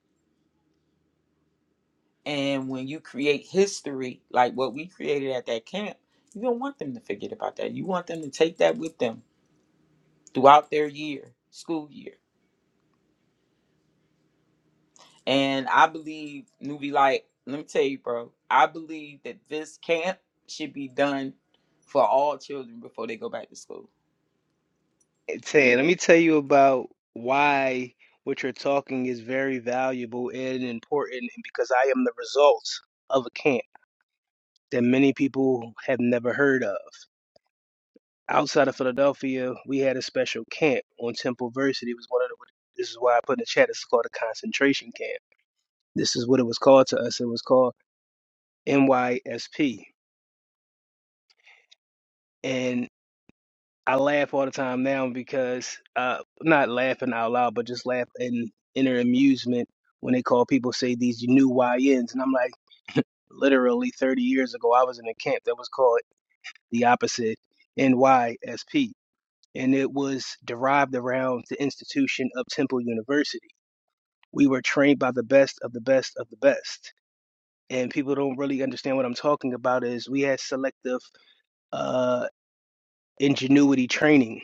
Speaker 1: And when you create history, like what we created at that camp, you don't want them to forget about that. You want them to take that with them throughout their year, school year. And I believe, newbie, like, let me tell you, bro, I believe that this camp should be done for all children before they go back to school.
Speaker 3: And Tay, let me tell you about why what you're talking is very valuable and important, and because I am the result of a camp. that many people have never heard of. Outside of Philadelphia, we had a special camp on Temple Versity. It was one of the, this is why I put in the chat. It's called a concentration camp. This is what it was called to us. It was called NYSP, and I laugh all the time now because uh, not laughing out loud, but just laugh in inner amusement when they call people say these new Y YNs, and I'm like, literally 30 years ago, I was in a camp that was called the opposite NYSP and it was derived around the institution of Temple University. We were trained by the best of the best of the best. And people don't really understand what I'm talking about is we had selective uh, ingenuity training.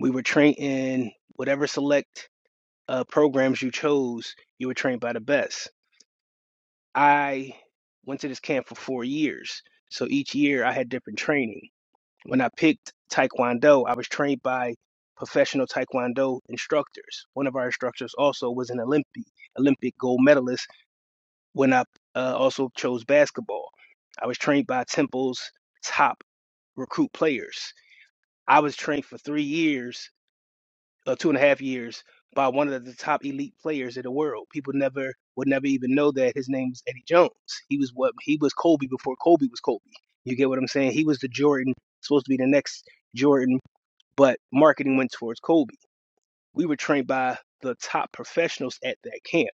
Speaker 3: We were trained in whatever select uh, programs you chose, you were trained by the best. I went to this camp for four years. So each year I had different training. When I picked Taekwondo, I was trained by professional Taekwondo instructors. One of our instructors also was an Olympic Olympic gold medalist. When I uh, also chose basketball, I was trained by Temple's top recruit players. I was trained for three years, uh, two and a half years, by one of the top elite players in the world. People never would never even know that his name was Eddie Jones. He was what he was Kobe before Kobe was Kobe. You get what I'm saying? He was the Jordan supposed to be the next Jordan but marketing went towards Kobe. We were trained by the top professionals at that camp.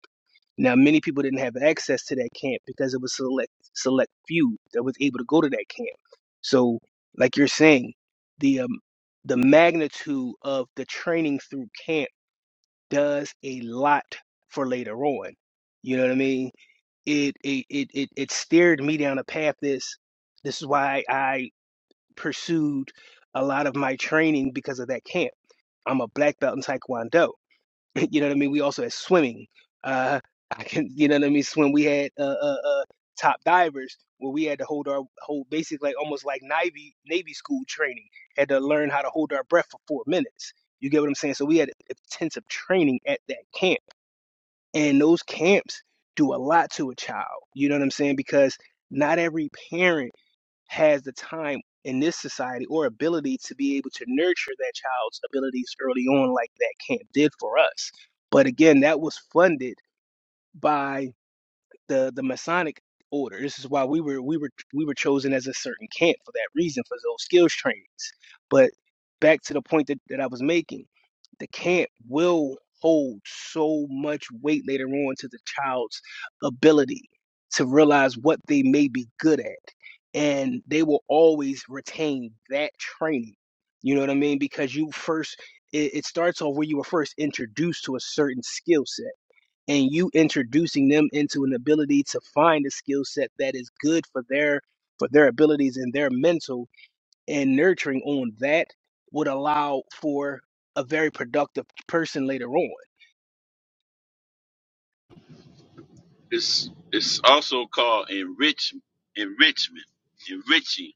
Speaker 3: Now, many people didn't have access to that camp because it was select select few that was able to go to that camp. So, like you're saying, the um, the magnitude of the training through camp does a lot for later on. You know what I mean? It it it it, it steered me down a path. This this is why I pursued a lot of my training because of that camp I'm a black belt in Taekwondo. you know what I mean? We also had swimming. Uh, I can, you know what I mean? Swim. We had uh, uh, uh, top divers where we had to hold our hold basically like, almost like Navy Navy school training. Had to learn how to hold our breath for four minutes. You get what I'm saying? So we had intensive training at that camp, and those camps do a lot to a child. You know what I'm saying? Because not every parent has the time in this society or ability to be able to nurture that child's abilities early on like that camp did for us. But again, that was funded by the the Masonic order. This is why we were we were we were chosen as a certain camp for that reason for those skills trainings. But back to the point that, that I was making, the camp will hold so much weight later on to the child's ability to realize what they may be good at. And they will always retain that training. You know what I mean? Because you first it, it starts off where you were first introduced to a certain skill set and you introducing them into an ability to find a skill set that is good for their for their abilities and their mental and nurturing on that would allow for a very productive person later on.
Speaker 5: It's it's all enrich enrichment, enriching,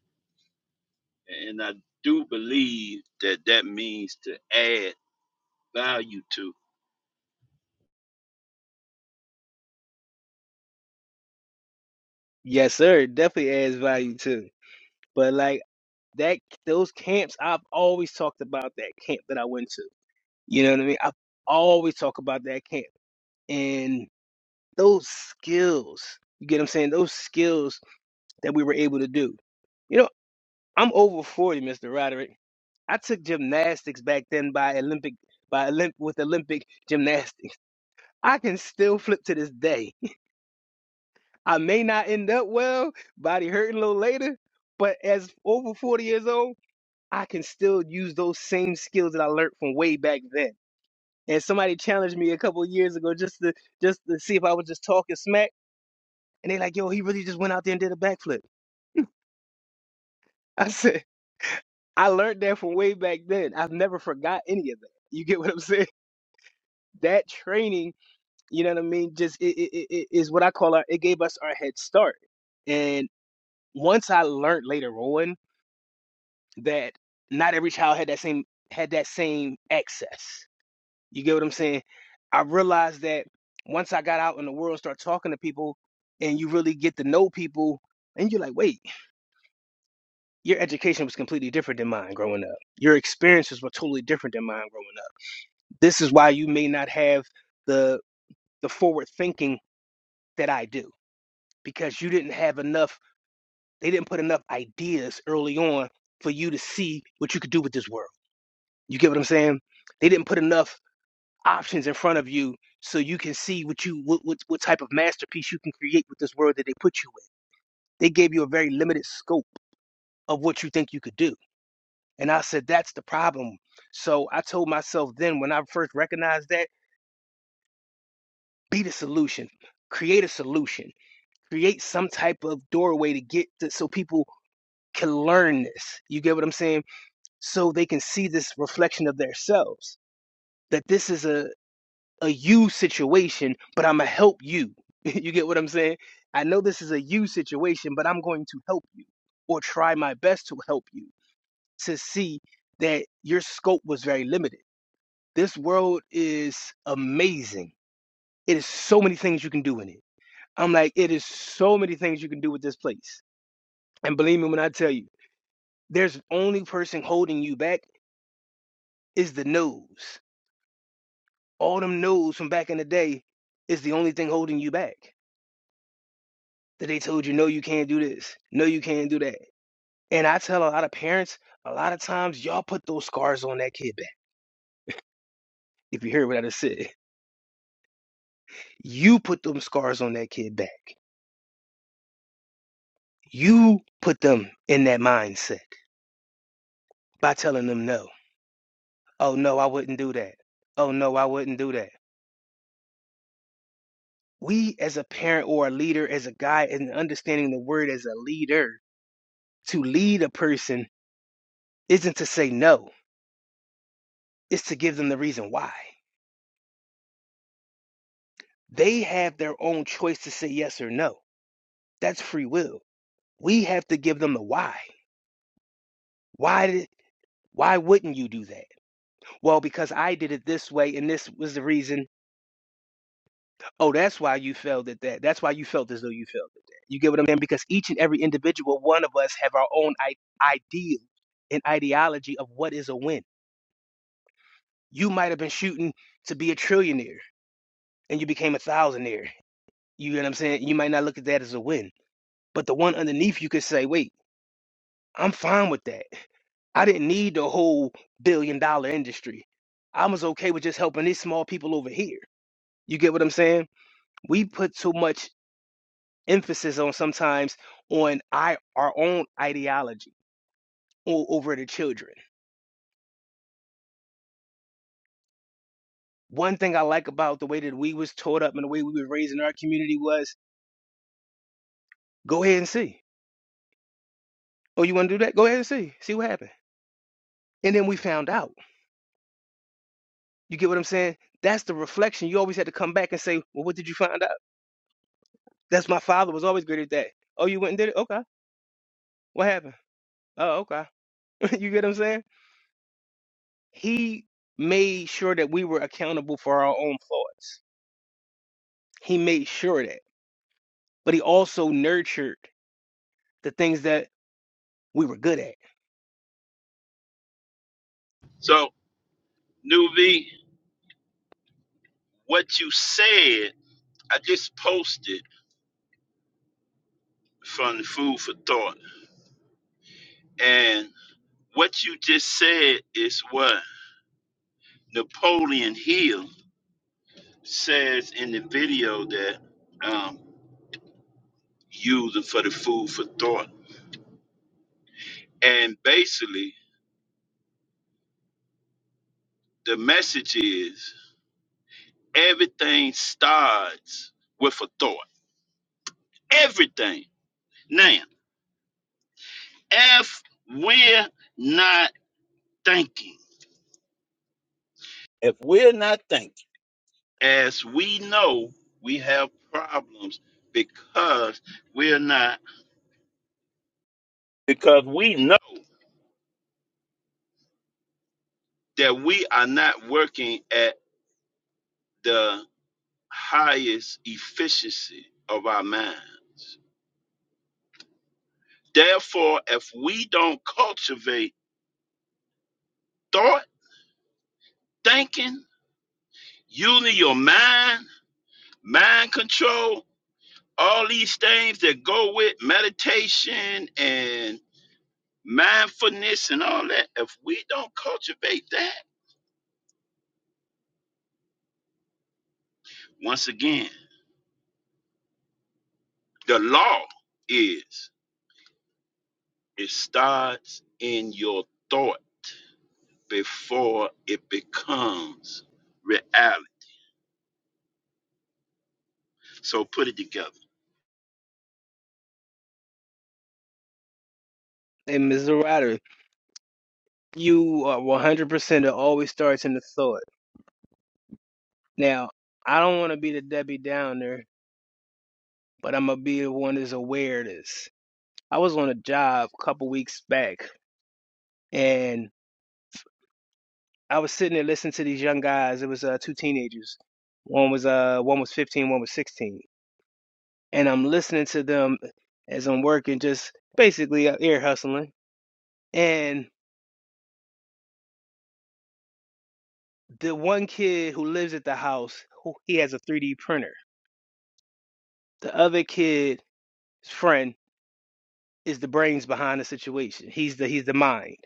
Speaker 5: and I do believe that that means to add value to.
Speaker 3: Yes, sir. It Definitely adds value too. But like that those camps I've always talked about that camp that I went to. You know what I mean? I always talk about that camp. And those skills, you get what I'm saying? Those skills that we were able to do. You know. I'm over 40, Mr. Roderick. I took gymnastics back then by Olympic by Olymp with Olympic gymnastics. I can still flip to this day. I may not end up well, body hurting a little later, but as over 40 years old, I can still use those same skills that I learned from way back then. And somebody challenged me a couple of years ago just to just to see if I was just talking smack. And they like, yo, he really just went out there and did a backflip. I said, I learned that from way back then. I've never forgot any of that. You get what I'm saying? that training, you know what I mean, just it, it, it is what I call our, it gave us our head start. And once I learned later on that not every child had that same had that same access. You get what I'm saying? I realized that once I got out in the world start talking to people and you really get to know people and you're like, wait, your education was completely different than mine growing up. Your experiences were totally different than mine growing up. This is why you may not have the the forward thinking that I do because you didn't have enough, they didn't put enough ideas early on for you to see what you could do with this world. You get what I'm saying? They didn't put enough options in front of you so you can see what you what, what, what type of masterpiece you can create with this world that they put you in. They gave you a very limited scope of what you think you could do. And I said that's the problem. So I told myself then when I first recognized that, be the solution. Create a solution. Create some type of doorway to get to, so people can learn this. You get what I'm saying? so they can see this reflection of themselves that this is a a you situation but i'm gonna help you you get what i'm saying i know this is a you situation but i'm going to help you or try my best to help you to see that your scope was very limited this world is amazing it is so many things you can do in it i'm like it is so many things you can do with this place and believe me when i tell you there's only person holding you back is the nose all them no's from back in the day is the only thing holding you back. That they told you, no, you can't do this. No, you can't do that. And I tell a lot of parents, a lot of times y'all put those scars on that kid back. If you hear what I just said, you put them scars on that kid back. You put them in that mindset by telling them no. Oh, no, I wouldn't do that. Oh, no, I wouldn't do that. We as a parent or a leader, as a guy, and understanding the word as a leader, to lead a person isn't to say no is to give them the reason why. They have their own choice to say yes or no. That's free will. We have to give them the why. Why did why wouldn't you do that? Well, because I did it this way and this was the reason. Oh, that's why you felt at that. That's why you felt as though you felt at that. You get what I'm saying? Because each and every individual one of us have our own I- ideal and ideology of what is a win. You might have been shooting to be a trillionaire and you became a thousandaire. You get what I'm saying? You might not look at that as a win But the one underneath you could say, wait, I'm fine with that. I didn't need the whole billion dollar industry. I was okay with just helping these small people over here. You get what I'm saying? We put too much emphasis on sometimes on I, our own ideology o- over the children. One thing I like about the way that we was taught up and the way we were raised in our community was go ahead and see. Oh, you want to do that? Go ahead and see. See what happened. And then we found out. You get what I'm saying? That's the reflection. You always had to come back and say, well, what did you find out? That's my father was always good at that. Oh, you went and did it? Okay. What happened? Oh, okay. you get what I'm saying? He made sure that we were accountable for our own flaws. He made sure of that. But he also nurtured the things that we were good at.
Speaker 5: So, Nuvi, what you said, I just posted from Food for Thought, and what you just said is what Napoleon Hill says in the video that um, using for the food for thought. And basically, the message is everything starts with a thought. Everything. Now, if we're not thinking, If we're not thinking, as we know, we have problems because we're not because we know that we are not working at the. highest efficiency of our minds. Therefore, if we don't cultivate thought, thinking, using your mind, mind control, all these things that go with meditation and mindfulness and all that, if we don't cultivate that, once again, the law is it starts in your thought before it becomes reality. So put it together.
Speaker 3: And Mr. Ryder, you are 100% it always starts in the thought. Now, I don't want to be the Debbie Downer, but I'm going to be the one that's aware of this. I was on a job a couple weeks back, and. I was sitting there listening to these young guys. It was uh, two teenagers. One was uh one was 15, one was 16. And I'm listening to them as I'm working, just basically uh, ear hustling. And the one kid who lives at the house, who he has a 3D printer. The other kid's friend is the brains behind the situation. He's the he's the mind.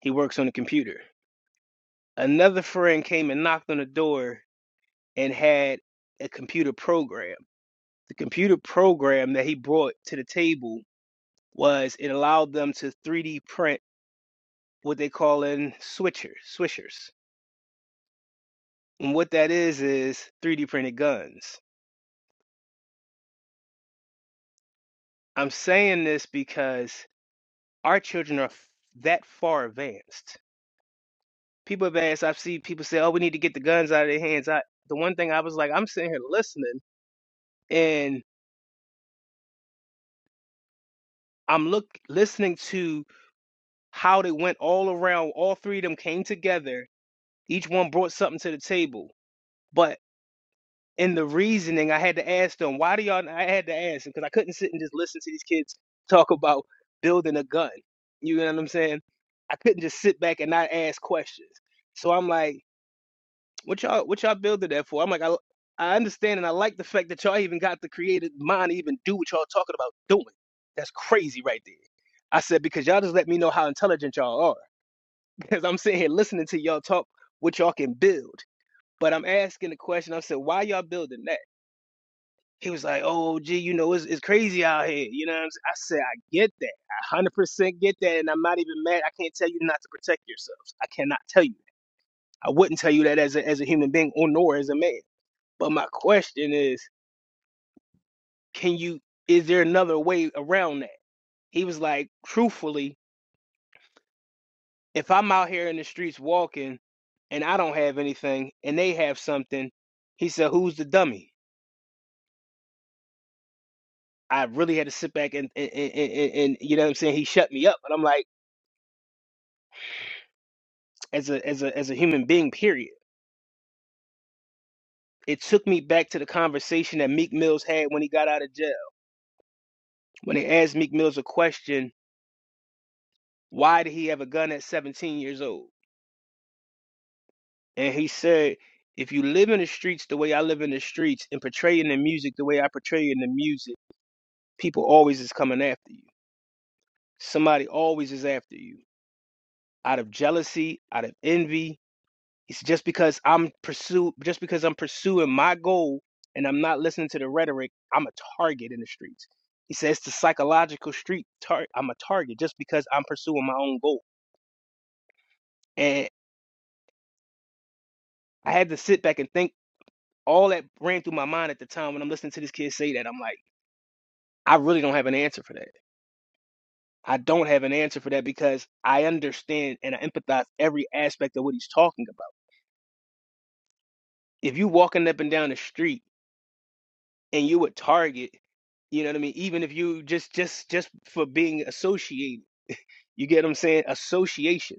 Speaker 3: He works on the computer. Another friend came and knocked on the door and had a computer program. The computer program that he brought to the table was it allowed them to 3D print what they call in switchers, swishers. And what that is is 3D printed guns. I'm saying this because our children are f- that far advanced. People advanced. I've seen people say, "Oh, we need to get the guns out of their hands." I, the one thing I was like, I'm sitting here listening, and I'm look listening to how they went all around. All three of them came together. Each one brought something to the table. but. in the reasoning, I had to ask them, why do y'all, I had to ask them because I couldn't sit and just listen to these kids talk about building a gun. You know what I'm saying? I couldn't just sit back and not ask questions. So I'm like, what y'all, what y'all building that for? I'm like, I, I understand and I like the fact that y'all even got the creative mind to even do what y'all talking about doing. That's crazy right there. I said, because y'all just let me know how intelligent y'all are. Because I'm sitting here listening to y'all talk what y'all can build. But I'm asking the question, I said, why y'all building that? He was like, "Oh, gee, you know, it's, it's crazy out here." You know, what I'm saying? I said, "I get that. I one hundred percent get that, and I'm not even mad. I can't tell you not to protect yourselves. I cannot tell you. That. I wouldn't tell you that as a as a human being or nor as a man. But my question is, can you? Is there another way around that?" He was like, "Truthfully, if I'm out here in the streets walking, and I don't have anything, and they have something," he said, "Who's the dummy?" I really had to sit back and and and, and, and you know what I'm saying. He shut me up, but I'm like. as a as a as a human being. Period. It took me back to the conversation that Meek Mills had when he got out of jail. When they asked Meek Mills a question, why did he have a gun at 17 years old? And he said, if you live in the streets the way I live in the streets and portray in the music the way I portray in the music, people always is coming after you. Somebody always is after you. Out of jealousy, out of envy, It's just because I'm pursue just because I'm pursuing my goal and I'm not listening to the rhetoric, I'm a target in the streets. He says the psychological street tar- I'm a target just because I'm pursuing my own goal. And I had to sit back and think all that ran through my mind at the time when I'm listening to this kid say that. I'm like, I really don't have an answer for that. I don't have an answer for that because I understand and I empathize every aspect of what he's talking about. If you walking up and down the street and you would target you know what i mean even if you just just just for being associated you get what i'm saying association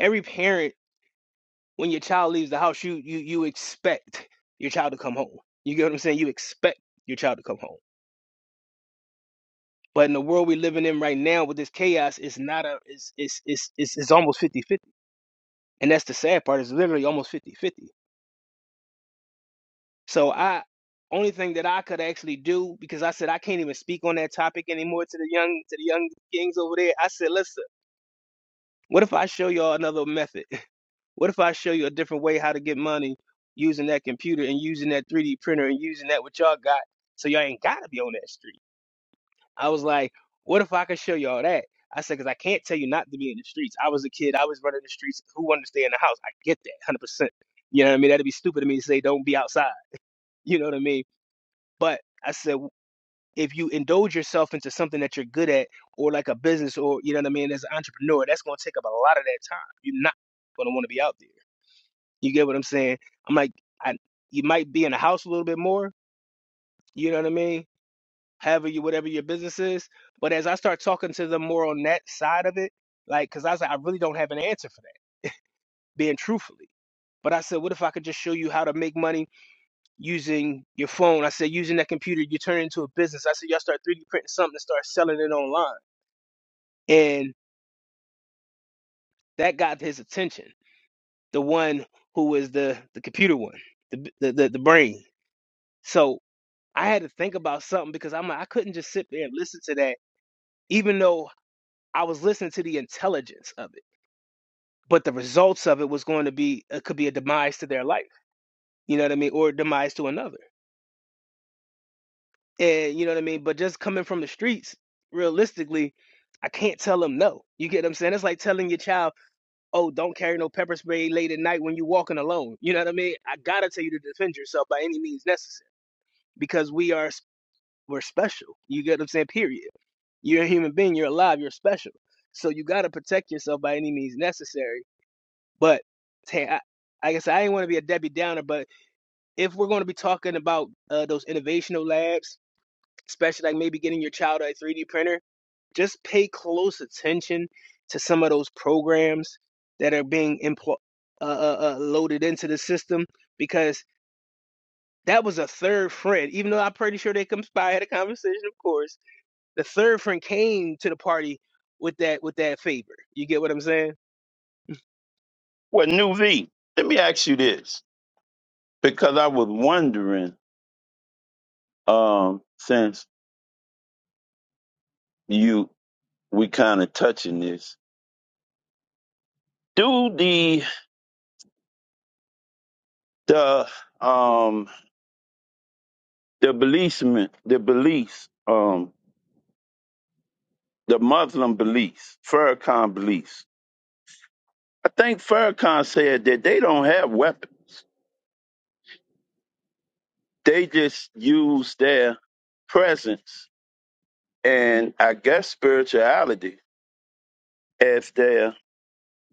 Speaker 3: every parent when your child leaves the house you you you expect your child to come home you get what i'm saying you expect your child to come home but in the world we're living in right now with this chaos it's not a it's it's it's it's, it's almost 50 50 and that's the sad part it's literally almost 50 50 so i only thing that I could actually do because I said I can't even speak on that topic anymore to the young to the young kings over there. I said, listen. What if I show y'all another method? What if I show you a different way how to get money using that computer and using that 3D printer and using that what y'all got so y'all ain't gotta be on that street? I was like, what if I could show y'all that? I said, because I can't tell you not to be in the streets. I was a kid, I was running the streets. Who wanted to stay in the house? I get that 100%. You know what I mean? That'd be stupid of me to say, don't be outside. You know what I mean? But I said if you indulge yourself into something that you're good at or like a business or you know what I mean as an entrepreneur, that's gonna take up a lot of that time. You're not gonna want to be out there. You get what I'm saying? I'm like, I you might be in the house a little bit more. You know what I mean? However, you whatever your business is. But as I start talking to them more on that side of it, like, cause I was like, I really don't have an answer for that. Being truthfully. But I said, what if I could just show you how to make money using your phone? I said, using that computer, you turn it into a business. I said, y'all start 3D printing something and start selling it online. and that got his attention. The one who was the the computer one, the b- the the, the brain. So I had to think about something because I'm like, I couldn't just sit there and listen to that, even though I was listening to the intelligence of it. But the results of it was going to be it could be a demise to their life, you know what I mean, or a demise to another, and you know what I mean. But just coming from the streets, realistically, I can't tell them no. You get what I'm saying? It's like telling your child oh, don't carry no pepper spray late at night when you're walking alone. You know what I mean? I gotta tell you to defend yourself by any means necessary because we are we're special. You get what I'm saying? Period. You're a human being. You're alive. You're special. So you gotta protect yourself by any means necessary. But hey, I, like I said, I ain't want to be a Debbie Downer, but if we're going to be talking about uh, those innovational labs, especially like maybe getting your child a 3D printer just pay close attention to some of those programs that are being impl- uh, uh, uh, loaded into the system because that was a third friend. Even though I'm pretty sure they conspired, had a conversation, of course, the third friend came to the party with that with that favor. You get what I'm saying? Mm.
Speaker 5: Well, New V, let me ask you this because I was wondering, um, since you we kind of touching this, do the the um the beliefsmen the beliefs um the Muslim beliefs Farrakhan beliefs? I think Farrakhan said that they don't have weapons; they just use their presence and I guess spirituality as their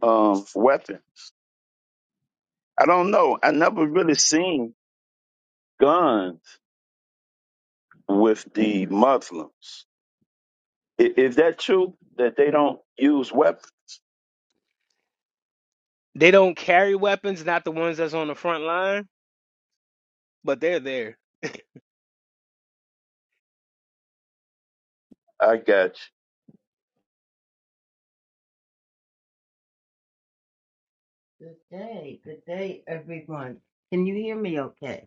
Speaker 5: um weapon. I don't know. I never really seen guns with the Muslims. I- Is that true that they don't use weapons?
Speaker 3: They don't carry weapons, not the ones that's on the front line, but they're there.
Speaker 5: I got you.
Speaker 6: Good day, good day, everyone. Can you hear me okay?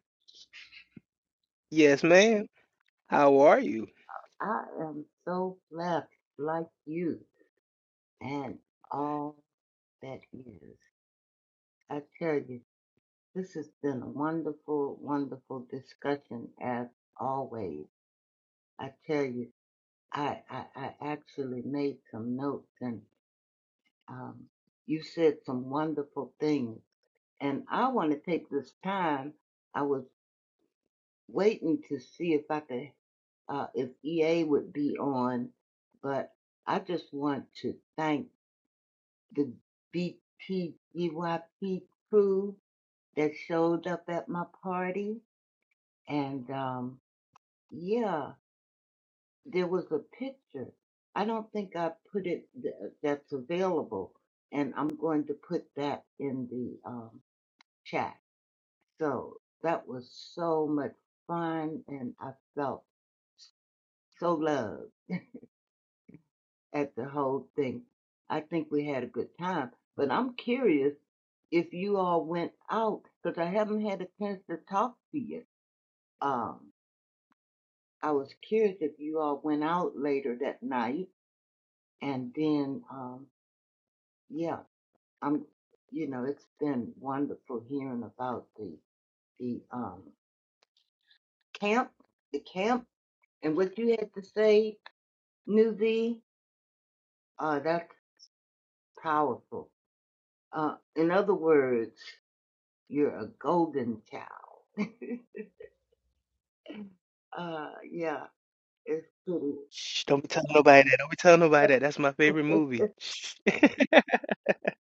Speaker 3: Yes, ma'am. How are you?
Speaker 6: I am so blessed, like you and all that is. I tell you, this has been a wonderful, wonderful discussion as always. I tell you, I, I, I actually made some notes and um, you said some wonderful things. And I want to take this time. I was. waiting to see if I could, uh, if EA would be on, but I just want to thank the BTGYP crew that showed up at my party. And, um, yeah, there was a picture. I don't think I put it th- uh, that's available. And I'm going to put that in the, um, chat. So that was so much fun and I felt so loved. at the whole thing. I think we had a good time, but I'm curious if you all went out because I haven't had a chance to talk to you. Um, I was curious if you all went out later that night, and then um, yeah, I'm. You know, it's been wonderful hearing about the the um camp, the camp, and what you had to say, Newsy. Uh, that's powerful. Uh, in other words, you're a golden child. Uh, yeah, it's pretty.
Speaker 3: Shh, don't be telling nobody that. Don't be telling nobody that. That's my favorite movie. Shh.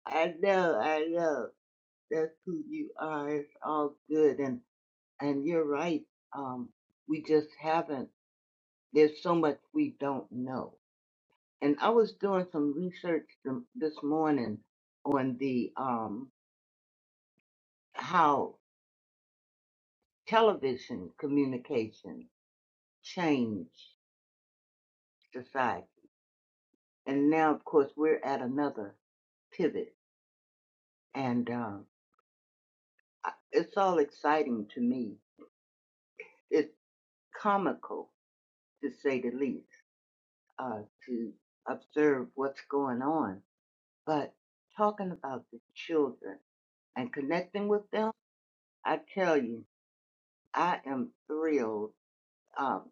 Speaker 6: I know, I know. That's who you are. It's all good, and and you're right. Um, we just haven't. There's so much we don't know. And I was doing some research th- this morning on the um how television communication changed society, and now of course we're at another pivot, and um, I- it's all exciting to me comical, to say the least, uh, to observe what's going on. But talking about the children and connecting with them, I tell you, I am thrilled um,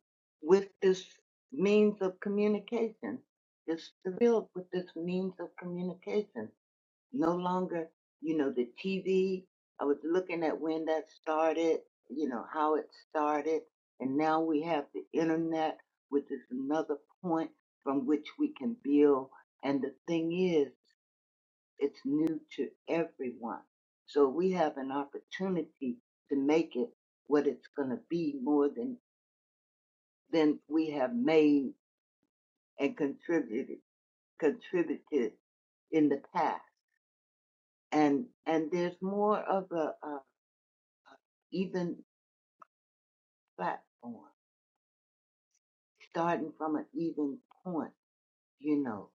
Speaker 6: with this means of communication. Just thrilled with this means of communication no longer, you know, the TV. I was looking at when that started, you know, how it started, and now we have the internet, which is another point from which we can build. And the thing is, it's new to everyone. So we have an opportunity to make it what it's going to be more than, than we have made and contributed, contributed in the past. And, and there's more of a, uh, even platform, starting from an even point, you know.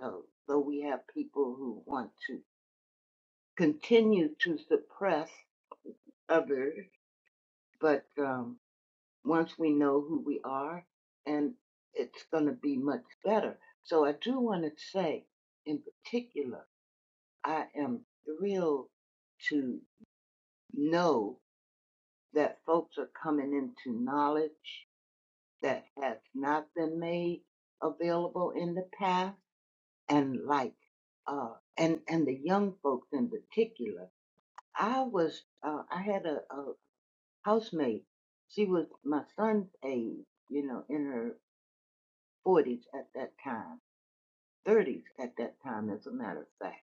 Speaker 6: So, so we have people who want to continue to suppress others, but um, once we know who we are, and it's going to be much better. So I do want to say, in particular, I am thrilled to know that folks are coming into knowledge that has not been made available in the past and like uh and and the young folks in particular i was uh i had a, a housemate she was my son's age you know in her 40s at that time 30s at that time as a matter of fact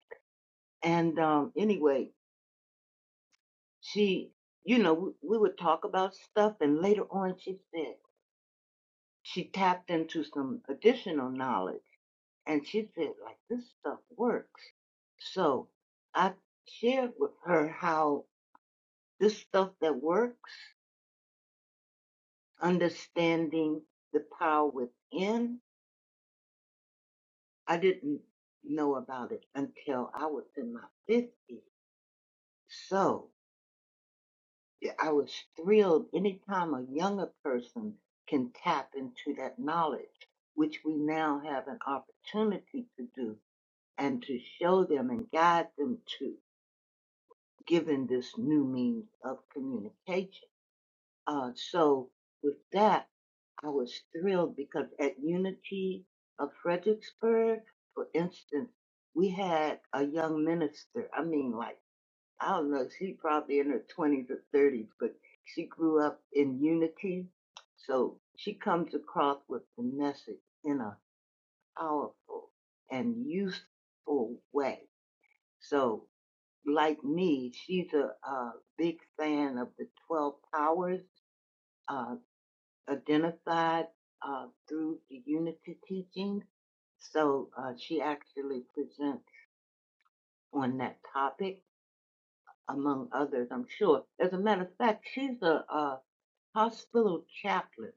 Speaker 6: and um anyway she you know we, we would talk about stuff and later on she said she tapped into some additional knowledge and she said like this stuff works so i shared with her how This stuff that works, understanding the power within, I didn't know about it until I was in my 50s. So yeah, I was thrilled anytime a younger person can tap into that knowledge, which we now have an opportunity to do and to show them and guide them to, given this new means of communication. Uh, so, with that, I was thrilled because at Unity of Fredericksburg, for instance, we had a young minister. I mean, like, I don't know, she probably in her 20s or 30s, but she grew up in Unity. So she comes across with the message in a powerful and useful way. So, like me, she's a, a big fan of the 12 powers uh, identified uh, through the unity teachings, So uh, she actually presents on that topic, among others, I'm sure. As a matter of fact, she's a, uh hospital chaplain,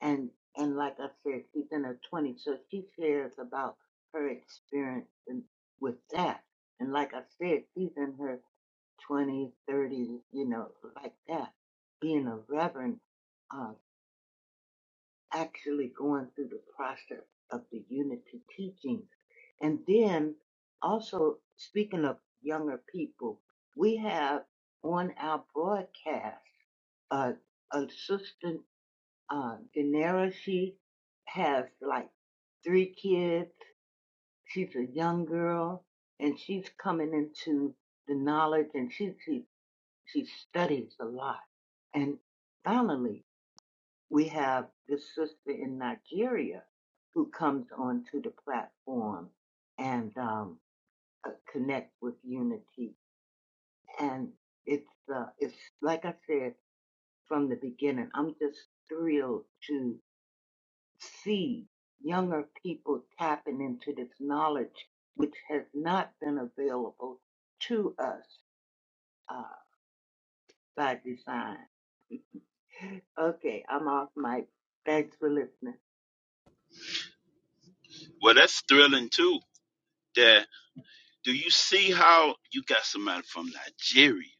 Speaker 6: and and like I said, she's in her 20s, so she shares about her experience in, with that. And like I said, she's in her 20s, 30s, you know, like that, being a reverend uh, actually going through the process of the unity teachings. And then also speaking of younger people, we have on our broadcast uh assistant uh Daenerys, she has like three kids. She's a young girl and she's coming into the knowledge and she she she studies a lot. And finally we have this sister in Nigeria who comes onto the platform and um, uh, connects with Unity. And it's uh, it's like I said from the beginning. I'm just thrilled to see younger people tapping into this knowledge, which has not been available to us uh, by design. Okay, I'm off mic. Thanks for listening.
Speaker 5: Well, that's thrilling too. That do you see how you got somebody from Nigeria?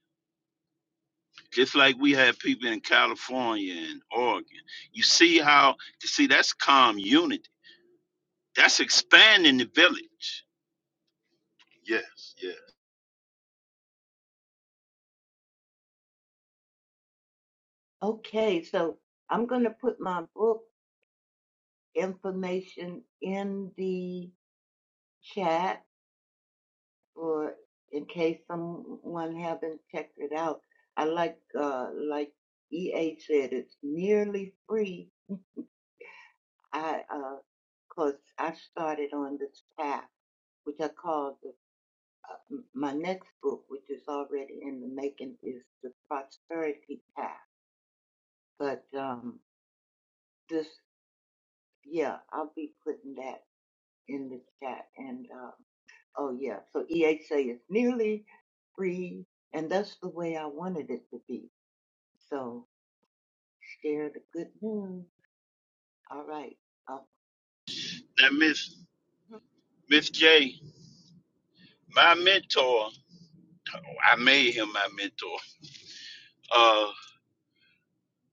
Speaker 5: Just like we had people in California and Oregon. You see how you see that's calm unity. That's expanding the village. Yes, yeah.
Speaker 6: Okay, so I'm going to put my book information in the chat for in case someone haven't checked it out. I like uh like EA said, it's nearly free. I uh, cause I started on this path, which I call the, my next book, which is already in the making, is the Prosperity Path. But um, this, yeah, I'll be putting that. in the chat. And uh, oh yeah, so EHA is nearly free, and that's the way I wanted it to be. So share the good news. All right. Uh,
Speaker 5: Now Miss Miss J, my mentor, I made him my mentor. Uh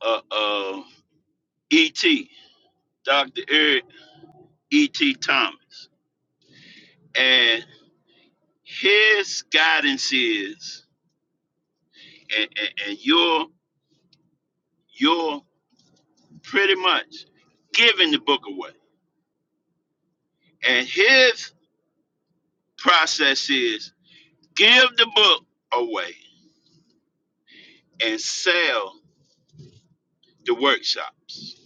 Speaker 5: uh uh E.T. Dr. Eric E.T. Thomas. And his guidance is, and, and, and you're, you're pretty much giving the book away. And his process is give the book away and sell the workshops.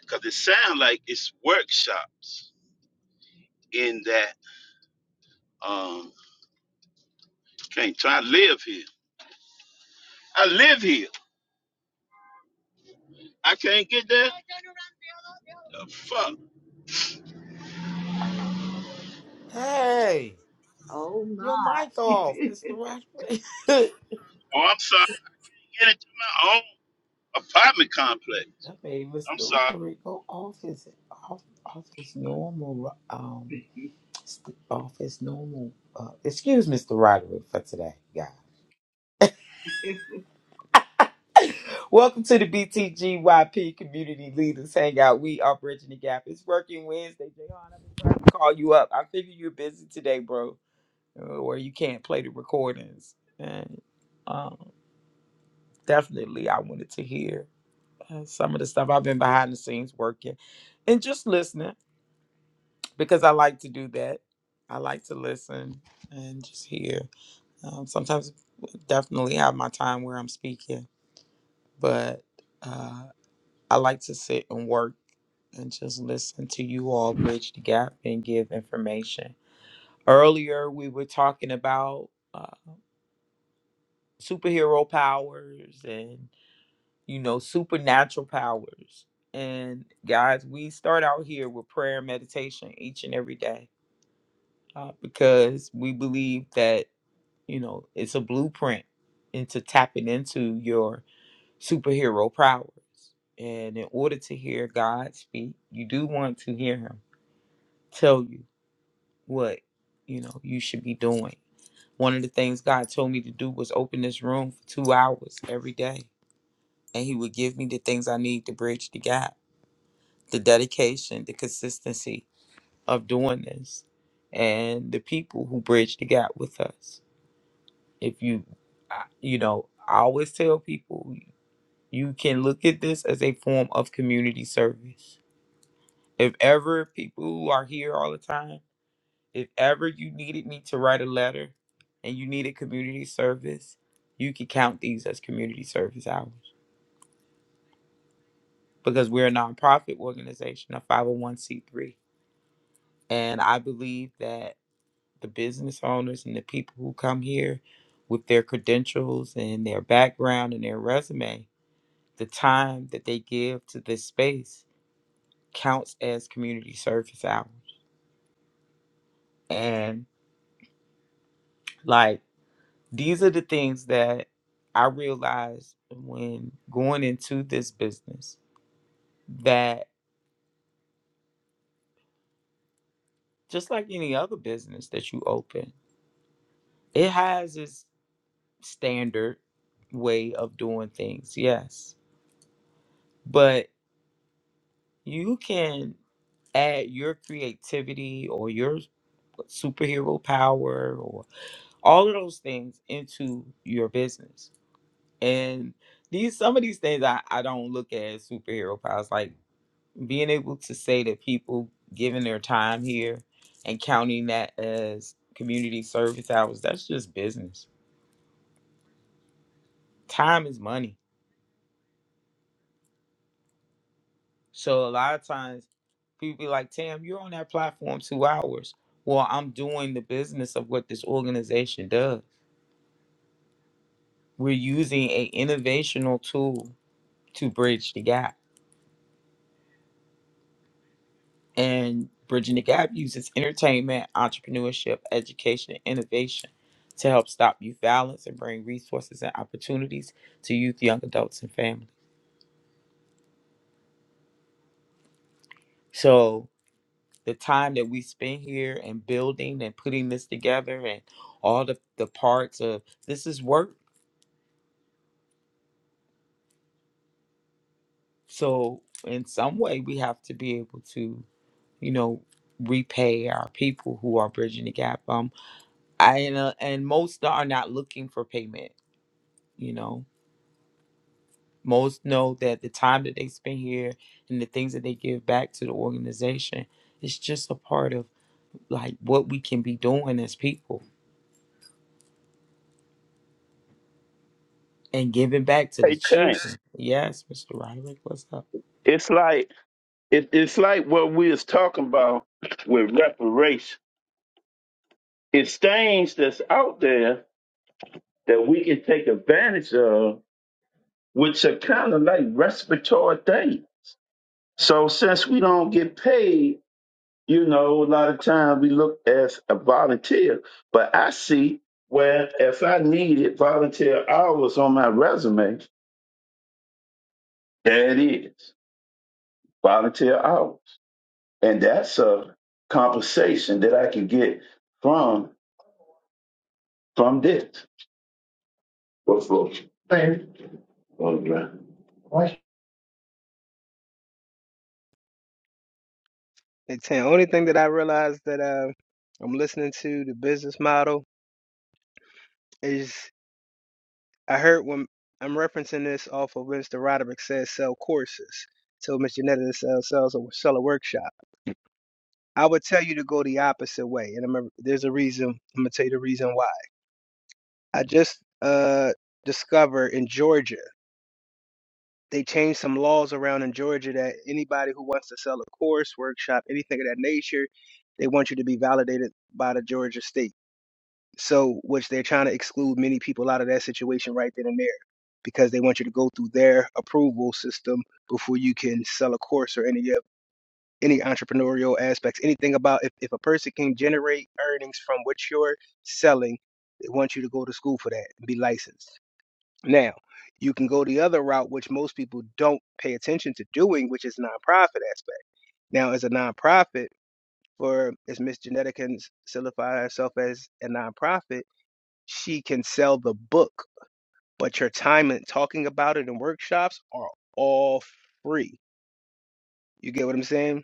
Speaker 5: Because it sounds like it's workshops in that, um, can't try to live here. I live here. I can't get there. The fuck.
Speaker 1: Hey,
Speaker 6: oh
Speaker 1: your mic
Speaker 6: my.
Speaker 1: off, Mr. Roderick.
Speaker 5: Oh, I'm sorry. Get into my own apartment complex.
Speaker 1: That made Mr.
Speaker 5: I'm sorry.
Speaker 1: Roderick go off his off, off his normal um st- off his normal. Uh, excuse Mr. Roderick for today, guys. Welcome to the BTGYP Community Leaders Hangout. We are bridging the gap. It's working Wednesday. Jayhan, I've been trying to call you up. I figure you're busy today, bro, uh, or you can't play the recordings. And um, definitely, I wanted to hear uh, some of the stuff I've been behind the scenes working and just listening. because I like to do that. I like to listen and just hear. Um, sometimes, definitely have my time where I'm speaking, but uh, I like to sit and work and just listen to you all bridge the gap and give information. Earlier, we were talking about uh, superhero powers and you know supernatural powers. And guys, we start out here with prayer and meditation each and every day uh, because we believe that You know, it's a blueprint into tapping into your superhero powers. And in order to hear God speak, you do want to hear him tell you what, you know, you should be doing. One of the things God told me to do was open this room for two hours every day. And he would give me the things I need to bridge the gap, the dedication, the consistency of doing this, and the people who bridge the gap with us. if you I- you know i always tell people you can look at this as a form of community service if ever people who are here all the time if ever you needed me to write a letter and you needed community service you could count these as community service hours because we're a nonprofit organization a 501c3 and i believe that the business owners and the people who come here with their credentials and their background and their resume The time that they give to this space counts as community service hours. And like these are the things that I realized when going into this business that just like any other business that you open, it has its standard way of doing things, yes. But you can add your creativity or your superhero power or. all of those things into your business. And these some of these things I, I don't look at as superhero powers, like being able to say that people giving their time here and counting that as community service hours, that's just business. Time is money. So a lot of times people be like, Tam, you're on that platform two hours. Well, I'm doing the business of what this organization does. We're using a innovational tool to bridge the gap and Bridging the Gap uses entertainment, entrepreneurship, education, and innovation to help stop youth violence and bring resources and opportunities to youth, young adults, and families. So the time that we spend here and building and putting this together and all the, the parts of this is work. So in some way we have to be able to, you know, repay our people who are bridging the gap. Um I and, uh, and most are not looking for payment, you know. Most know that the time that they spend here and the things that they give back to the organization is just a part of like what we can be doing as people and giving back to the
Speaker 5: Hey, damn.
Speaker 1: children. Yes, Mr. Roderick, what's up?
Speaker 5: It's like it, it's like what we was talking about with reparations. It's things that's out there that we can take advantage of, which are kind of like respiratory things. So since we don't get paid, you know, a lot of times we look as a volunteer. But I see where if I needed volunteer hours on my resume, there it is, volunteer hours. And that's a conversation that I can get from from this. What for? Baby. Oh, man. What?
Speaker 3: It's the only thing that I realized that uh, I'm listening to the business model is I heard when I'm referencing this off of Mr. Roderick says sell courses. So Mr. Netta sells sells a sell a workshop. I would tell you to go the opposite way, and I'm a, there's a reason. I'm gonna tell you the reason why. I just uh discovered in Georgia they changed some laws around in Georgia that anybody who wants to sell a course, workshop, anything of that nature, they want you to be validated by the Georgia state. So, which they're trying to exclude many people out of that situation right then and there because they want you to go through their approval system before you can sell a course or any of any entrepreneurial aspects. Anything about if, if a person can generate earnings from what you're selling, they want you to go to school for that and be licensed. Now, you can go the other route, which most people don't pay attention to doing, which is nonprofit aspect. Now, as a nonprofit, or as Miss Genetica can solidify herself as a nonprofit, she can sell the book, but your time and talking about it in workshops are all free. You get what I'm saying?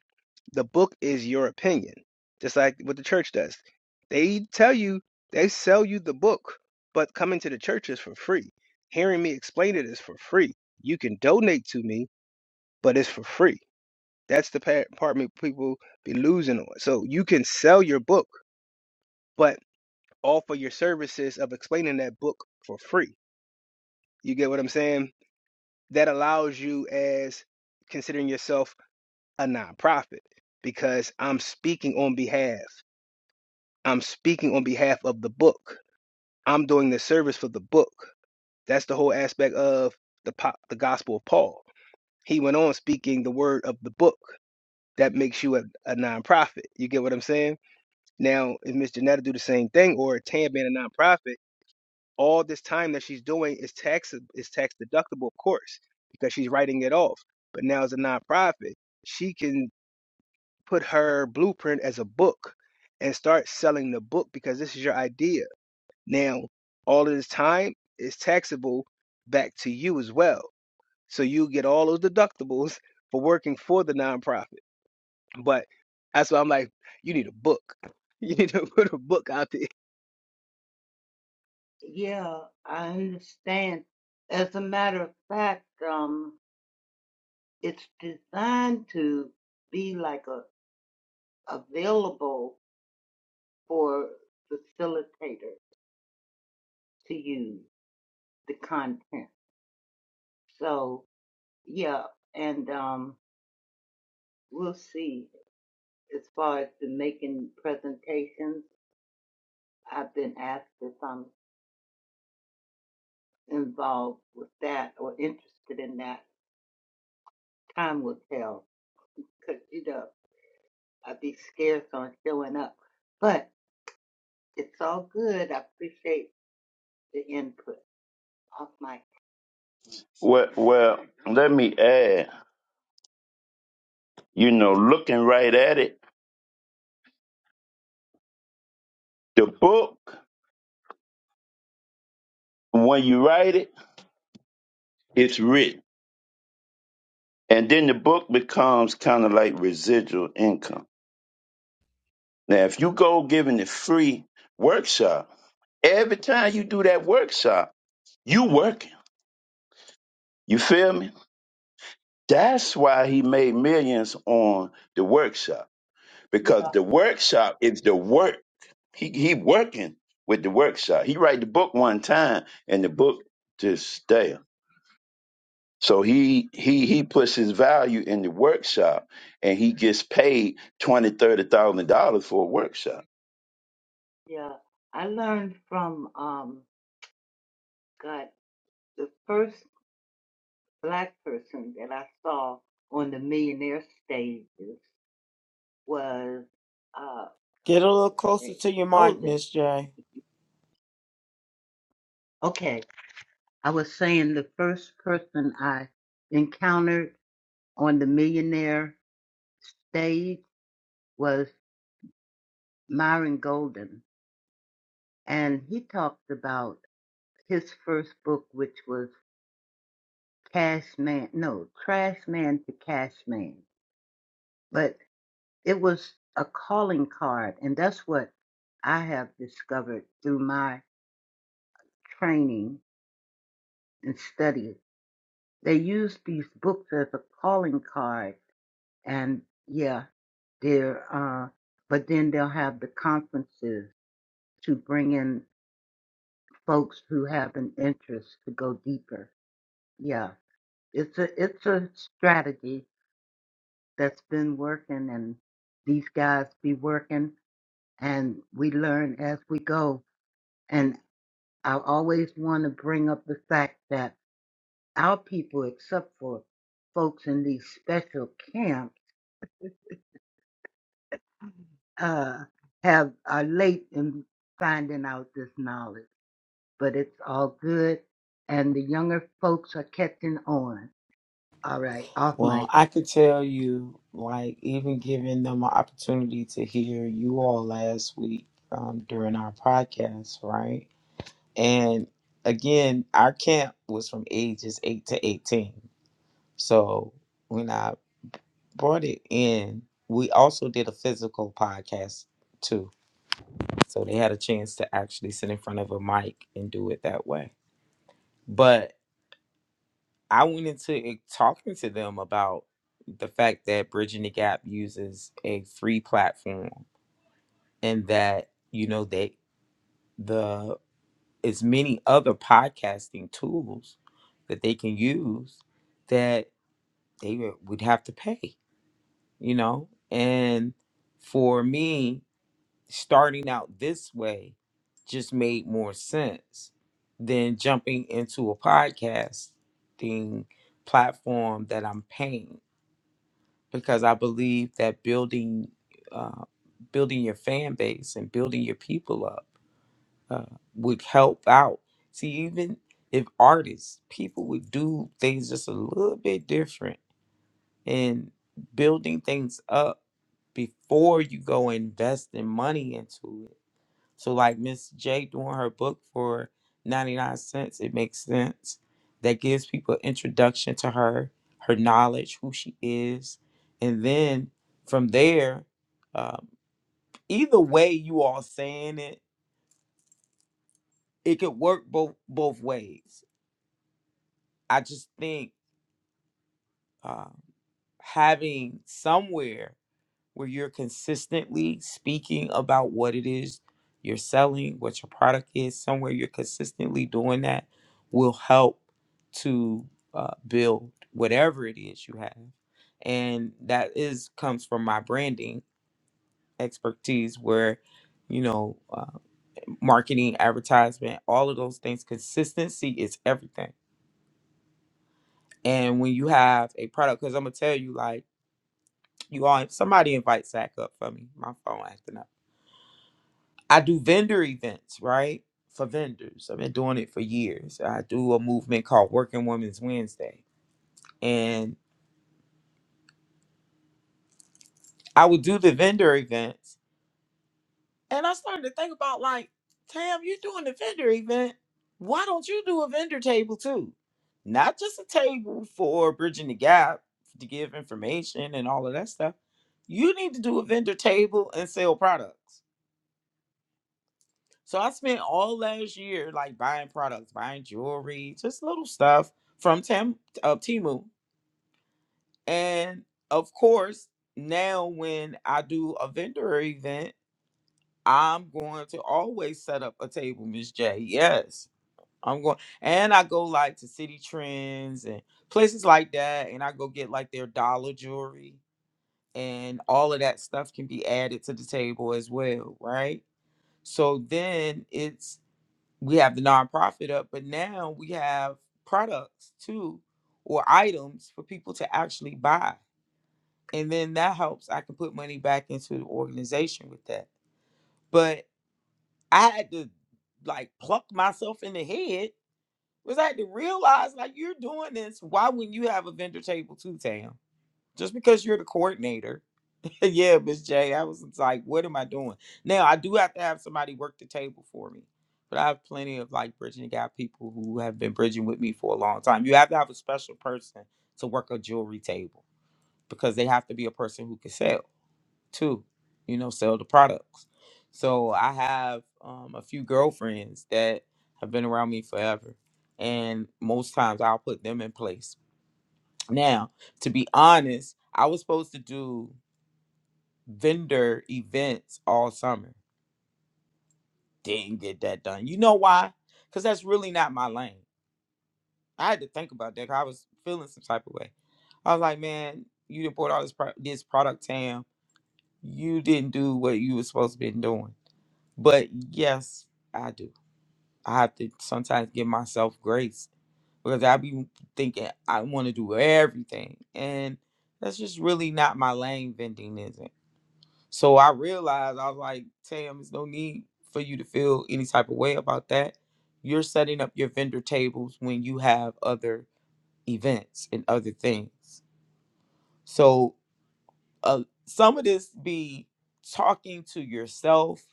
Speaker 3: The book is your opinion, just like what the church does. They tell you, they sell you the book, but coming to the church is for free. Hearing me explain it is for free. You can donate to me, but it's for free. That's the pa- part me- people be losing on. So you can sell your book, but offer your services of explaining that book for free. You get what I'm saying? That allows you as considering yourself a nonprofit because I'm speaking on behalf. I'm speaking on behalf of the book. I'm doing the service for the book. That's the whole aspect of the po- the Gospel of Paul. He went on speaking the word of the book. That makes you a, a nonprofit. You get what I'm saying? Now, if Miss Janetta do the same thing, or Tam being a nonprofit, all this time that she's doing is tax is tax deductible, of course, because she's writing it off. But now as a nonprofit, she can put her blueprint as a book and start selling the book because this is your idea. Now, all of this time is taxable back to you as well. So you get all those deductibles for working for the nonprofit. But that's why I'm like, you need a book. You need to put a book out there.
Speaker 6: yeah, I understand. As a matter of fact, um, it's designed to be like a available for facilitator to use the content. So yeah, and um, We'll see. As far as the making presentations, I've been asked if I'm involved with that or interested in that. Time will tell. Because, you know, I'd be scarce on showing up. But it's all good. I appreciate the input. Off my.
Speaker 5: Well, well, let me add, you know, looking right at it, the book, when you write it, it's written. And then the book becomes kind of like residual income. Now, if you go giving the free workshop, every time you do that workshop, you working. You feel me? That's why he made millions on the workshop
Speaker 6: Yeah.
Speaker 5: because the workshop is the work. He he working with the workshop. He write the book one time and the book just there. So he he he puts his value in the workshop and he gets paid twenty thirty thousand dollars for a workshop.
Speaker 6: Yeah. I learned from, um, God, the first black person that I saw on the millionaire stages was, uh,
Speaker 1: Get a little closer to your mic,
Speaker 6: Golden.
Speaker 1: Miss J.
Speaker 6: Okay, I was saying the first person I encountered on the millionaire stage was Myron Golden, and he talked about his first book, which was Cash Man, no, Trash Man to Cash Man, but it was a calling card, and that's what I have discovered through my training and study. They use these books as a calling card and yeah, they're uh, but then they'll have the conferences to bring in folks who have an interest to go deeper. Yeah, it's a it's a strategy that's been working, and these guys be working, and we learn as we go. And I always want to bring up the fact that our people, except for folks in these special camps, uh, have are late in finding out this knowledge but it's all good. And the younger folks are catching on. All right, off
Speaker 1: Well,
Speaker 6: mic.
Speaker 1: I could tell you, like, even giving them an opportunity to hear you all last week um, during our podcast, right? And again, our camp was from ages 8 to 18. So when I brought it in, we also did a physical podcast too. So they had a chance to actually sit in front of a mic and do it that way. But I went into it talking to them about the fact that Bridging the Gap uses a free platform and that, you know, they the as many other podcasting tools that they can use that they would would have to pay you know and for me starting out this way just made more sense than jumping into a podcasting platform that i'm paying because i believe that building uh, building your fan base and building your people up uh, would help out see even if artists people would do things just a little bit different and building things up before you go investing money into it. So like Miss J doing her book for 99 cents, it makes sense. That gives people introduction to her, her knowledge, who she is. And then from there, um, either way you all saying it, it could work both both ways. I just think um, having somewhere where you're consistently speaking about what it is you're selling, what your product is, somewhere you're consistently doing that will help to uh, build whatever it is you have. And that is comes from my branding expertise where, you know, uh, marketing, advertisement, all of those things, consistency is everything. And when you have a product, because I'm going to tell you, like, you all, somebody invite Zach up for me. My phone acting up I do vendor events, right? For vendors. I've been doing it for years. I do a movement called Working Women's Wednesday. And I would do the vendor events. And I started to think about like, Tam, you're doing the vendor event. Why don't you do a vendor table too? Not just a table for bridging the gap to give information and all of that stuff. You need to do a vendor table and sell products So I spent all last year like buying products, buying jewelry, just little stuff from Tam uh, Timu. And of course, now when I do a vendor event, I'm going to always set up a table, Miss J. Yes. I'm going and I go like to City Trends and places like that. And I go get like their dollar jewelry and all of that stuff can be added to the table as well, right? So then it's we have the nonprofit up, but now we have products too or items for people to actually buy. And then that helps. I can put money back into the organization with that. But I had to like pluck myself in the head. Was I had to realize like you're doing this. Why wouldn't you have a vendor table too, Tam? Just because you're the coordinator yeah, Miss J. I was like, what am I doing? Now I do have to have somebody work the table for me. But I have plenty of like bridging the gap people who have been bridging with me for a long time. You have to have a special person to work a jewelry table because they have to be a person who can sell too, you know, sell the products. So I have um, a few girlfriends that have been around me forever. And most times I'll put them in place. Now, to be honest, I was supposed to do vendor events all summer. Didn't get that done. You know why? Because that's really not my lane. I had to think about that. 'cause I was feeling some type of way. I was like, man, you done bought all this pro- this product, Tam. You didn't do what you was supposed to be doing. But yes, I do. I have to sometimes give myself grace because I be thinking I want to do everything, and that's just really not my lane. Vending is, So I realized I was like, Tam, there's no need for you to feel any type of way about that. You're setting up your vendor tables when you have other events and other things. So uh, some of this be talking to yourself,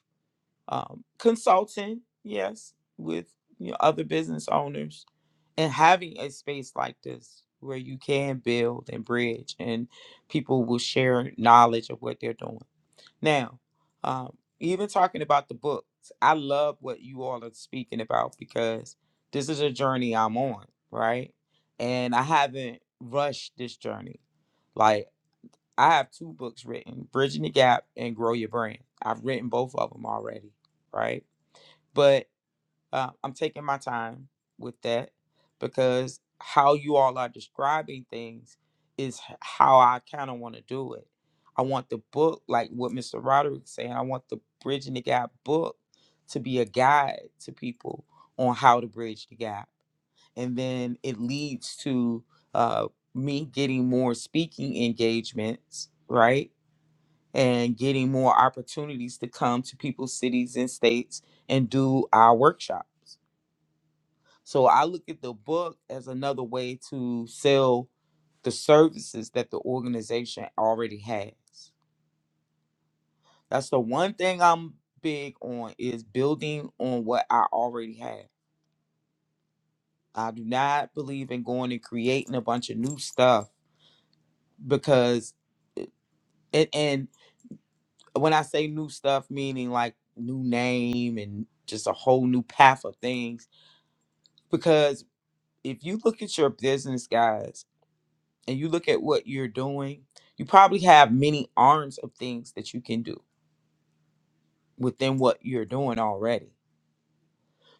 Speaker 1: um, consulting, yes, with you know, other business owners, and having a space like this where you can build and bridge, and people will share knowledge of what they're doing now, um, even talking about the books, I love what you all are speaking about because this is a journey I'm on, right? And I haven't rushed this journey. Like, I have two books written Bridging the Gap and Grow Your Brand. I've written both of them already, right? But. Uh, I'm taking my time with that because how you all are describing things is h- how I kind of want to do it. I want the book, like what Mr. Roderick's saying, I want the Bridging the Gap book to be a guide to people on how to bridge the gap. And then it leads to uh, me getting more speaking engagements, right? And getting more opportunities to come to people's cities and states and do our workshops. So I look at the book as another way to sell the services that the organization already has. That's the one thing I'm big on is building on what I already have. I do not believe in going and creating a bunch of new stuff because and, and when I say new stuff meaning like new name and just a whole new path of things because if you look at your business guys and you look at what you're doing, you probably have many arms of things that you can do within what you're doing already.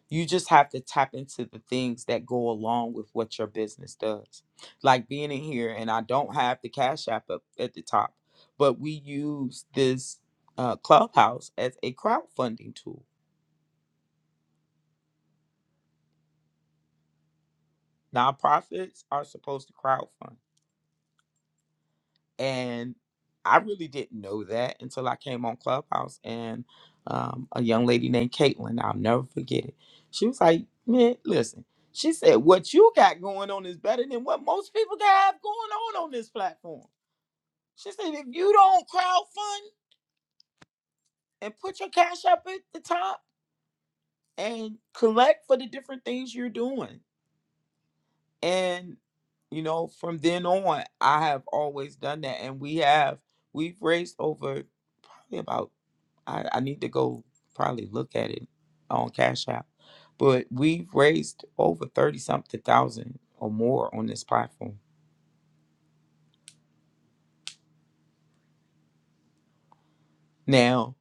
Speaker 1: You just have to tap into the things that go along with what your business does. Like being in here, and I don't have the Cash App up at the top, but we use this uh, Clubhouse as a crowdfunding tool. Nonprofits are supposed to crowdfund. and I really didn't know that until I came on Clubhouse and um, a young lady named Caitlin, I'll never forget it. She was like, "Man, listen," she said, "What you got going on is better than what most people got going on on this platform." She said, "If you don't crowdfund and put your cash up at the top and collect for the different things you're doing, and you know, from then on, I have always done that, and we have we've raised over probably about I, I need to go probably look at it on Cash App. But we've raised over thirty something thousand or more on this platform. Now,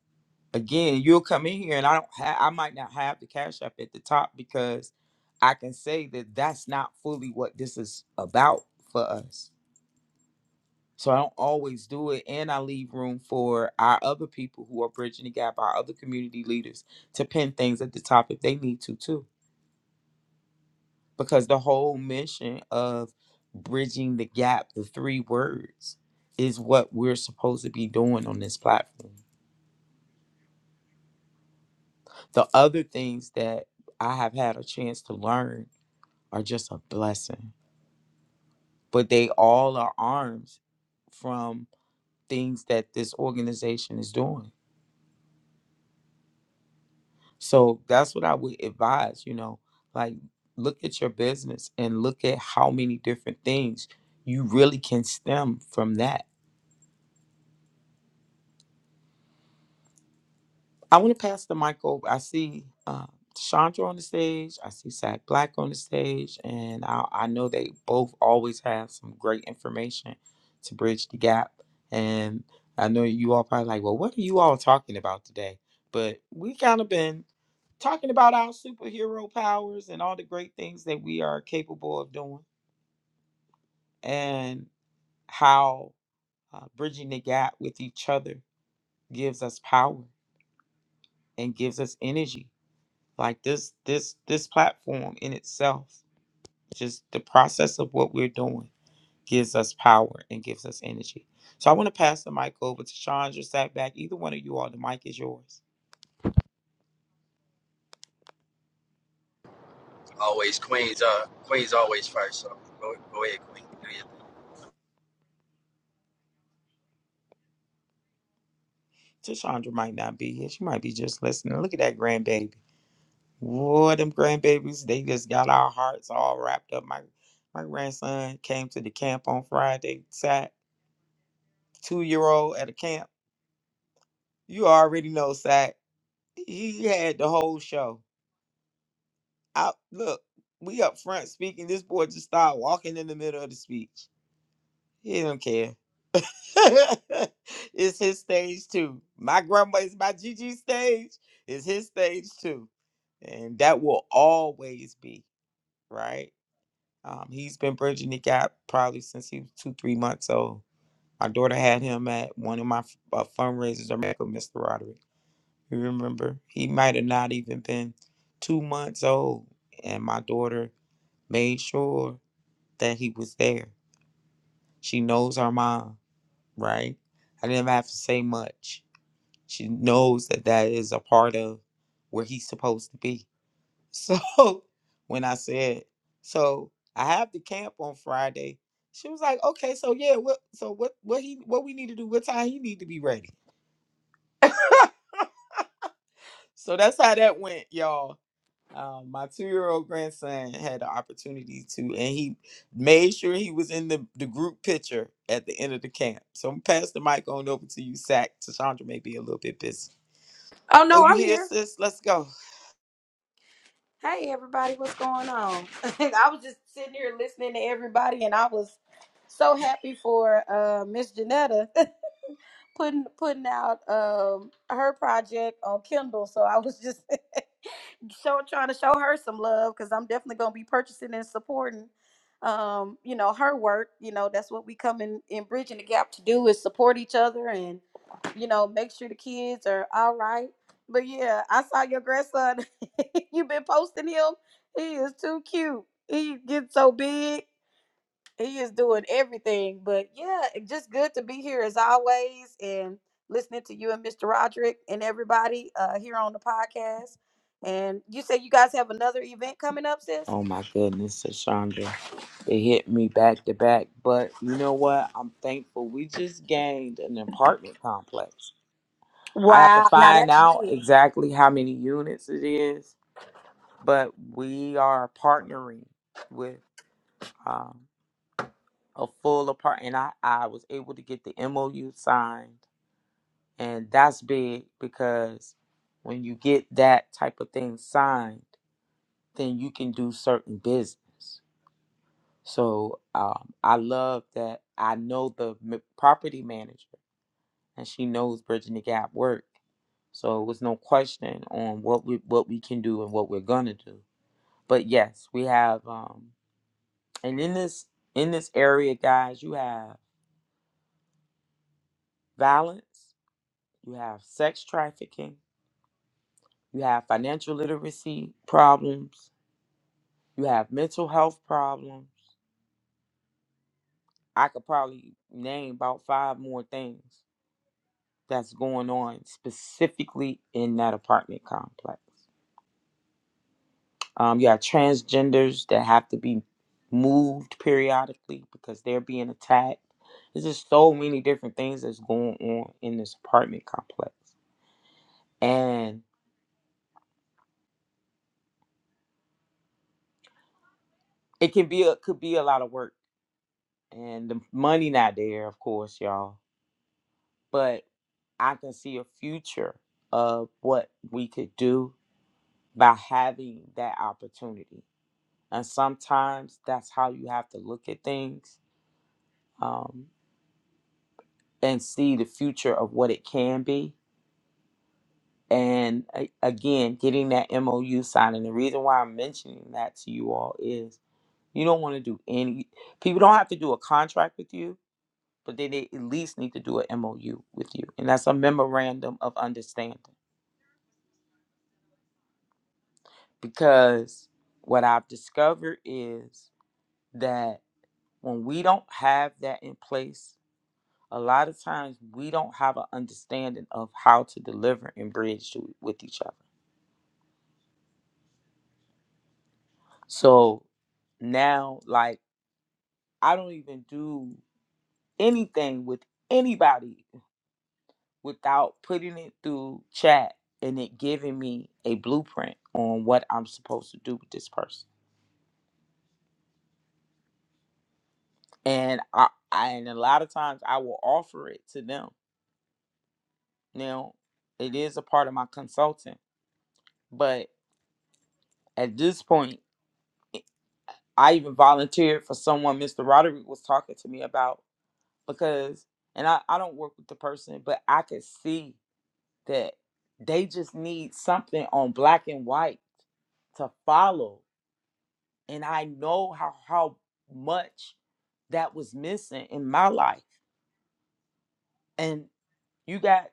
Speaker 1: again, you'll come in here and I don't ha- I might not have the Cash App at the top because I can say that that's not fully what this is about for us. So I don't always do it, and I leave room for our other people who are bridging the gap, our other community leaders, to pin things at the top if they need to too. because the whole mission of bridging the gap, the three words, is what we're supposed to be doing on this platform. The other things that I have had a chance to learn are just a blessing, but they all are arms from things that this organization is doing. So that's what I would advise, you know, like look at your business and look at how many different things you really can stem from that I want to pass the mic over. I see uh, Chandra on the stage. I see Zach Black on the stage, and I, I know they both always have some great information to bridge the gap. And I know you all probably like, well, what are you all talking about today? But we kind of been talking about our superhero powers and all the great things that we are capable of doing, and how uh, bridging the gap with each other gives us power and gives us energy like this this this platform in itself just the process of what we're doing gives us power and gives us energy so i want to pass the mic over to chandra sat back either one of you all the mic is yours
Speaker 7: Always Queens. Uh, Queens always first. So go, go ahead, Queen. Do your thing.
Speaker 1: Chandra might not be here she might be just listening look at that grandbaby Whoa, them grandbabies they just got our hearts all wrapped up my my grandson came to the camp on friday sat two year old at a camp you already know sat he had the whole show I look, we up front speaking. This boy just started walking in the middle of the speech. He don't care. it's his stage too. My grandma is my GG stage. It's his stage too, and that will always be right. Um, he's been bridging the gap probably since he was two, three months old. My daughter had him at one of my f- uh, fundraisers. I met with Mr. Roderick. You remember? He might have not even been two months old, and my daughter made sure that he was there. She knows our mom, right? I didn't have to say much. She knows that that is a part of where he's supposed to be. So when I said, so I have the camp on Friday, she was like, okay, so yeah, what, so what, what he, what we need to do, what time he need to be ready. So that's how that went, y'all. Um, my two year old grandson had the opportunity to, and he made sure he was in the, the group picture at the end of the camp. So I'm gonna pass the mic on over to you, Sack. Tashandra may be a little bit busy.
Speaker 8: Oh
Speaker 1: Oh,
Speaker 8: no,
Speaker 1: you
Speaker 8: I'm
Speaker 1: here,
Speaker 8: here.
Speaker 1: sis? Let's go.
Speaker 8: Hey everybody, what's going on? I was just sitting here listening to everybody, and I was so happy for uh, Miss Janetta putting putting out um, her project on Kindle. So I was just show trying to show her some love because I'm definitely gonna be purchasing and supporting um, you know her work. You know that's what we come in in bridging the gap to do is support each other and. you know, make sure the kids are all right. But yeah, I saw your grandson. You've been posting him. He is too cute. He gets so big. He is doing everything. But yeah, it just good to be here as always and listening to you and Mr. Roderick and everybody uh, here on the podcast. And you said you guys have another event coming up, sis?
Speaker 1: Oh my goodness, Tashandra. It hit me back to back. But you know what? I'm thankful. We just gained an apartment complex. I have to
Speaker 8: Wow. Now
Speaker 1: find
Speaker 8: that's
Speaker 1: out
Speaker 8: big.
Speaker 1: exactly how many units it is, but we are partnering with. um, a full apart and I, I was able to get the MOU signed and that's big because when you get that type of thing signed, then you can do certain business. So um, I love that I know the m- property manager and she knows Bridging the Gap work. So it was no question on what we what we can do and what we're gonna do. But yes, we have um, and in this in this area, guys, you have violence, you have sex trafficking, you have financial literacy problems, you have mental health problems. I could probably name about five more things that's going on specifically in that apartment complex. Um, you have transgenders that have to be moved periodically because they're being attacked. There's just so many different things that's going on in this apartment complex, and it can be a, could be a lot of work and the money not there, of course, y'all. But I can see a future of what we could do by having that opportunity. And sometimes that's how you have to look at things um, and see the future of what it can be. And a- again, getting that MOU signed. And the reason why I'm mentioning that to you all is you don't want to do any, people don't have to do a contract with you but then they at least need to do an MOU with you. And that's a memorandum of understanding. Because what I've discovered is that when we don't have that in place, a lot of times we don't have an understanding of how to deliver and bridge to, with each other. So now, like, I don't even do anything with anybody without putting it through chat and it giving me a blueprint on what I'm supposed to do with this person and I, I and a lot of times I will offer it to them. Now, it is a part of my consulting, but at this point, i- I even volunteered for someone Mr. Roderick was talking to me about because, and I, I don't work with the person, but I could see that they just need something on black and white to follow, and I know how how much that was missing in my life, and you got.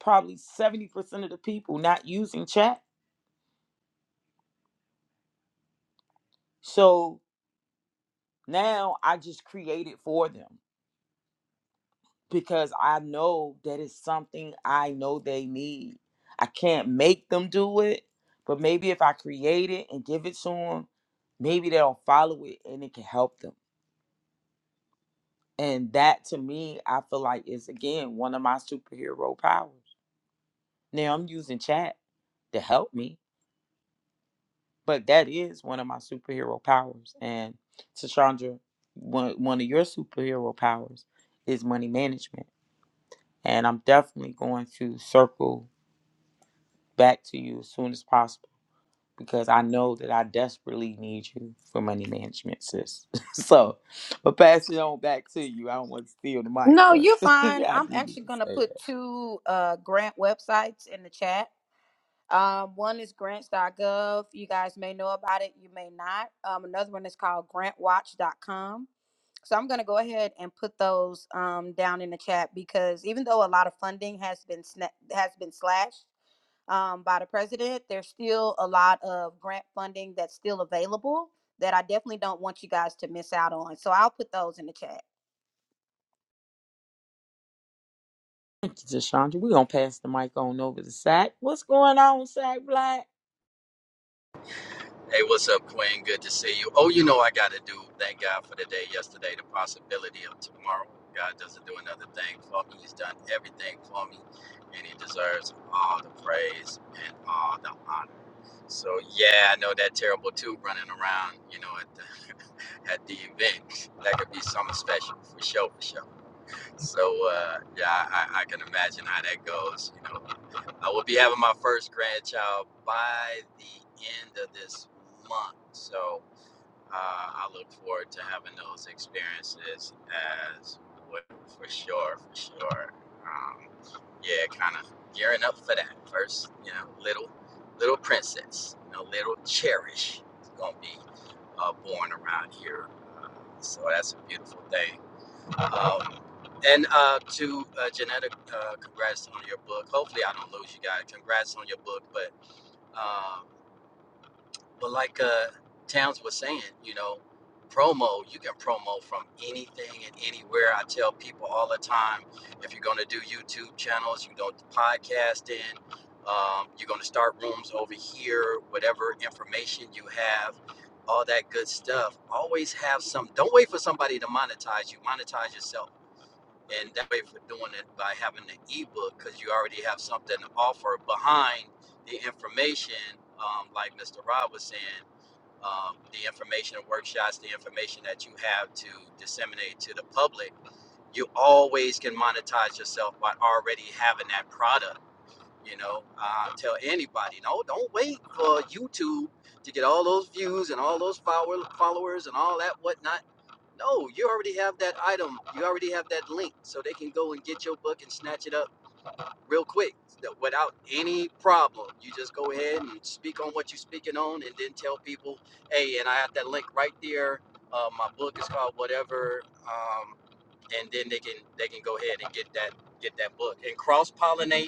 Speaker 1: probably 70% of the people not using chat. So now I just create it for them because I know that it's something I know they need. I can't make them do it, but maybe if I create it and give it to them, maybe they'll follow it and it can help them. And that to me, I feel like is again one of my superhero powers. Now I'm using chat to help me, but that is one of my superhero powers. And Tashandra, one one of your superhero powers is money management. And I'm definitely going to circle back to you as soon as possible because I know that I desperately need you for money management, sis. so, but pass it on back to you. I don't want to steal the mic,
Speaker 8: No,
Speaker 1: but
Speaker 8: you're fine.
Speaker 1: I
Speaker 8: I'm
Speaker 1: do need
Speaker 8: actually
Speaker 1: to
Speaker 8: going to
Speaker 1: say
Speaker 8: put
Speaker 1: that.
Speaker 8: two uh, grant websites in the chat Um, one is grants.gov. You guys may know about it, you may not. Um, another one is called grantwatch.com. So I'm going to go ahead and put those um, down in the chat because even though a lot of funding has been sna- has been slashed um, by the president, there's still a lot of grant funding that's still available that I definitely don't want you guys to miss out on. So I'll put those in the chat.
Speaker 1: Thank you, Tashandra. We're going to pass the mic on over to Sack. What's going on, Sack Black?
Speaker 7: Hey, what's up, Queen? Good to see you. Oh, you know I got to do. Thank God for the day yesterday, the possibility of tomorrow. God doesn't do another thing for me. He's done everything for me, and He deserves all the praise and all the honor. So yeah, I know that terrible tube running around. You know at the at the event. That could be something special for sure, for sure. So uh, yeah, I, I can imagine how that goes. You know, I will be having my first grandchild by the end of this month. So uh, I look forward to having those experiences as well, for sure, for sure. Um, yeah, kind of gearing up for that first. You know, little little princess, you know, little cherish is gonna be uh, born around here. So that's a beautiful thing. Um, and uh, to uh, Janetta, uh, congrats on your book. Hopefully, I don't lose you guys. Congrats on your book. But um, but like uh, Towns was saying, you know, promo, you can promo from anything and anywhere. I tell people all the time if you're going to do YouTube channels, you're going to podcast in, um, you're going to start rooms over here, whatever information you have. All that good stuff. Always have some. Don't wait for somebody to monetize you. Monetize yourself and that way for doing it by having the ebook because you already have something to offer behind the information um, like mr rob was saying um, the information and workshots the information that you have to disseminate to the public you always can monetize yourself by already having that product you know uh, tell anybody no don't wait for youtube to get all those views and all those follower, followers and all that whatnot no, you already have that item. You already have that link, so they can go and get your book and snatch it up real quick without any problem. You just go ahead and speak on what you're speaking on, and then tell people, "Hey, and I have that link right there. Uh, my book is called whatever," um, and then they can they can go ahead and get that get that book and cross pollinate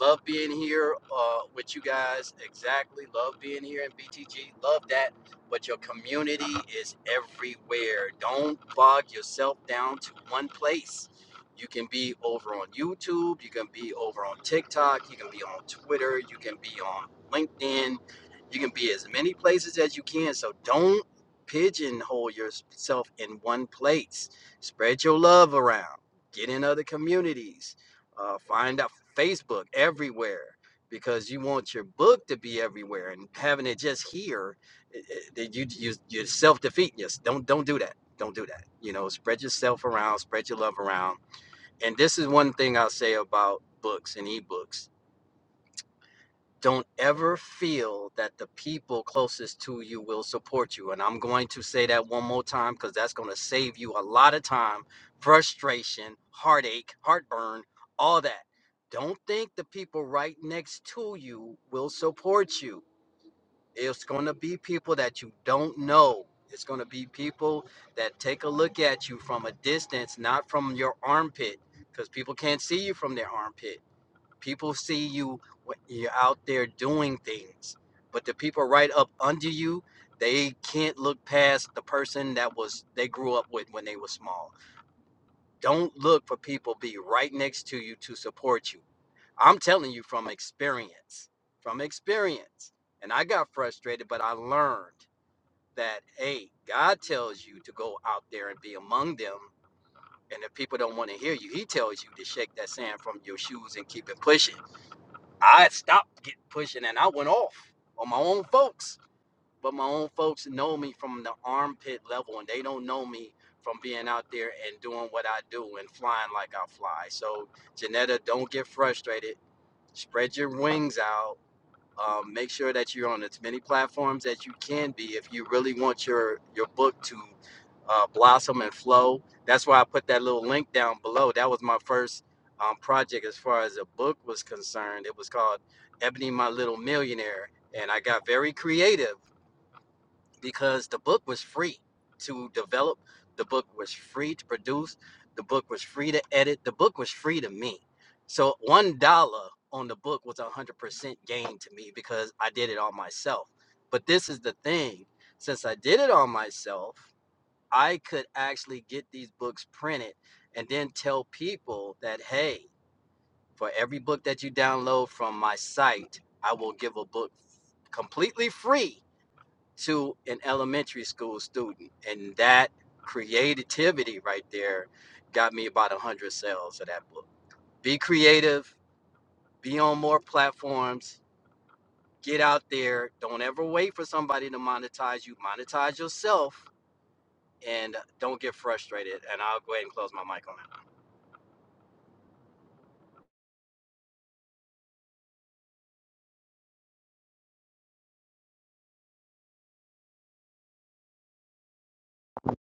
Speaker 7: Love being here uh, with you guys. Exactly. Love being here in BTG. Love that. But your community is everywhere. Don't bog yourself down to one place. You can be over on YouTube. You can be over on TikTok. You can be on Twitter. You can be on LinkedIn. You can be as many places as you can. So don't pigeonhole yourself in one place. Spread your love around. Get in other communities uh, find out Facebook everywhere because you want your book to be everywhere and having it just here that you you you're self defeating Just don't don't do that. Don't do that. You know, spread yourself around, spread your love around. And this is one thing I'll say about books and ebooks don't ever feel that the people closest to you will support you. And I'm going to say that one more time because that's going to save you a lot of time, frustration, heartache, heartburn, all that. Don't think the people right next to you will support you. It's going to be people that you don't know. It's going to be people that take a look at you from a distance, not from your armpit, because people can't see you from their armpit People see you when you're out there doing things, but the people right up under you, they can't look past the person that was they grew up with when they were small. Don't look for people be right next to you to support you. I'm telling you from experience, from experience. And I got frustrated, but I learned that hey, God tells you to go out there and be among them. And if people don't want to hear you, He tells you to shake that sand from your shoes and keep it pushing. I stopped get pushing and I went off on my own folks. But my own folks know me from the armpit level and they don't know me from being out there and doing what I do and flying like I fly. So Janetta, don't get frustrated. Spread your wings out um, make sure that you're on as many platforms as you can be if you really want your your book to uh, blossom and flow. That's why I put that little link down below. That was my first um, project as far as a book was concerned. It was called Ebony My Little Millionaire, and I got very creative because the book was free to develop, the book was free to produce, the book was free to edit, the book was free to me. So one dollar on the book was a hundred percent gain to me because I did it all myself. But this is the thing: since I did it all myself, I could actually get these books printed and then tell people that hey, for every book that you download from my site, I will give a book completely free to an elementary school student. And that creativity right there got me about 100 sales of that book. Be creative, be on more platforms, get out there. Don't ever wait for somebody to monetize you, monetize yourself, and don't get frustrated. And I'll go ahead and close my mic on that.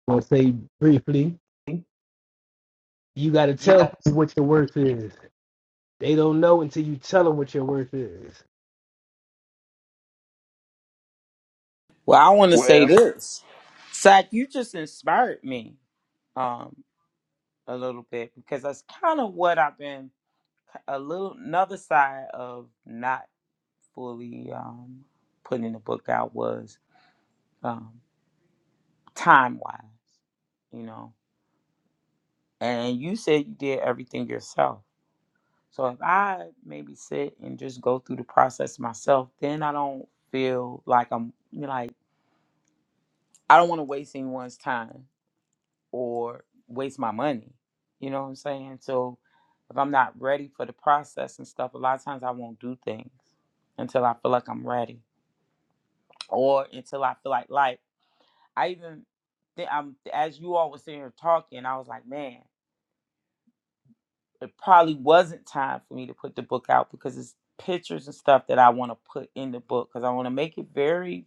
Speaker 3: I'll say briefly, you gotta
Speaker 6: You
Speaker 3: tell
Speaker 6: got.
Speaker 3: people what your worth is. They don't know until you tell them what your worth is.
Speaker 1: Well, I want to say this. Sack, you just inspired me um a little bit because that's kind of what I've been a little another side of not fully um putting the book out was um time wise, you know. And you said you did everything yourself. So if I maybe sit and just go through the process myself, then I don't feel like I'm you know, like I don't want to waste anyone's time or waste my money. You know what I'm saying? So if I'm not ready for the process and stuff, a lot of times I won't do things until I feel like I'm ready or until I feel like like I even th- I'm as you all were sitting here talking, I was like, man, it probably wasn't time for me to put the book out because it's pictures and stuff that I want to put in the book because I want to make it very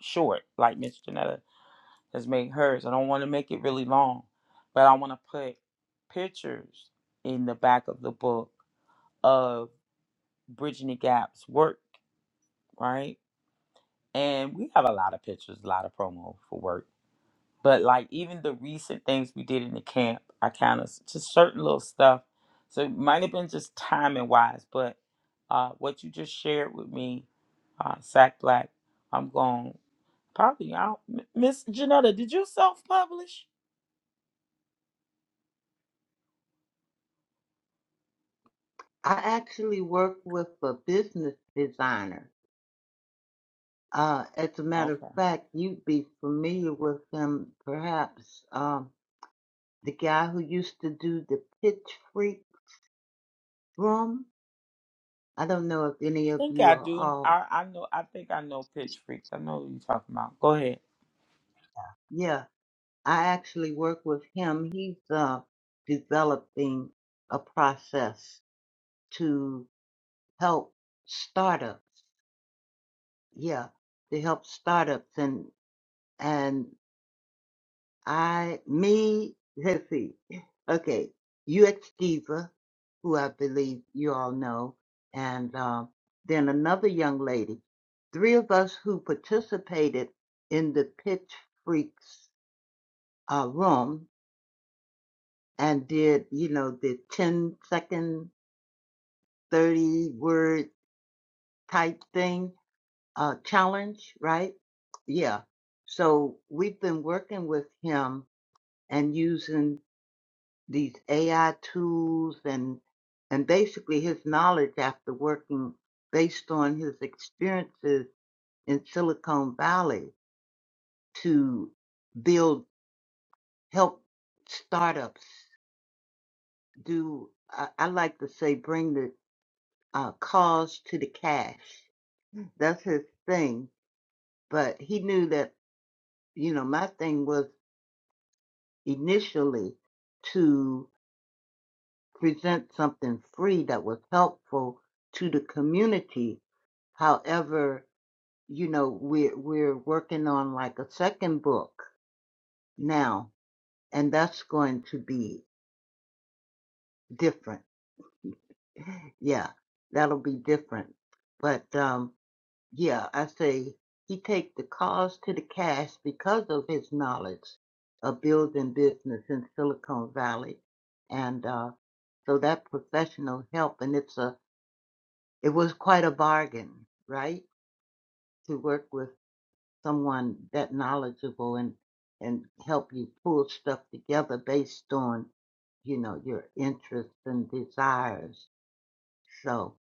Speaker 1: short, like Miss Janetta has made hers. I don't want to make it really long, but I want to put pictures in the back of the book of Bridging the Gap's work, right? And we have a lot of pictures, a lot of promo for work. But like even the recent things we did in the camp, I kind of just certain little stuff. So it might have been just timing wise, but uh, what you just shared with me, uh, Sack Black, I'm going probably out. M- Miss Janetta, did you self publish?
Speaker 6: I actually work with a business designer. Uh, as a matter of fact, you'd be familiar with him, perhaps. Um, the guy who used to do the Pitch Freak room. I don't know if any of
Speaker 1: think
Speaker 6: you
Speaker 1: I
Speaker 6: are
Speaker 1: do.
Speaker 6: all.
Speaker 1: I, I know. I think I know Pitch Freaks. I know what you're talking about. Go ahead.
Speaker 6: Yeah, I actually work with him. He's uh, developing a process to. help startups. Yeah, to help startups and and I me let's see. Okay, UX Diva, who I believe you all know, and um, then another young lady. Three of us who participated in the Pitch Freaks uh, room and did you know the 10 second, 30 word type thing uh, challenge, right? Yeah. So we've been working with him and using these AI tools and and basically his knowledge after working based on his experiences in Silicon Valley to build help startups do I, I like to say bring the uh, cause to the cash. That's his thing. But he knew that you know my thing was initially to present something free that was helpful to the community. However, you know, we're we're working on like a second book now, and that's going to be different. Yeah, that'll be different. But um, yeah, I say he take the cause to the cash because of his knowledge of building business in Silicon Valley, and. uh, So that professional help, and it's a, it was quite a bargain, right? To work with someone that knowledgeable and, and help you pull stuff together based on, you know, your interests and desires. So,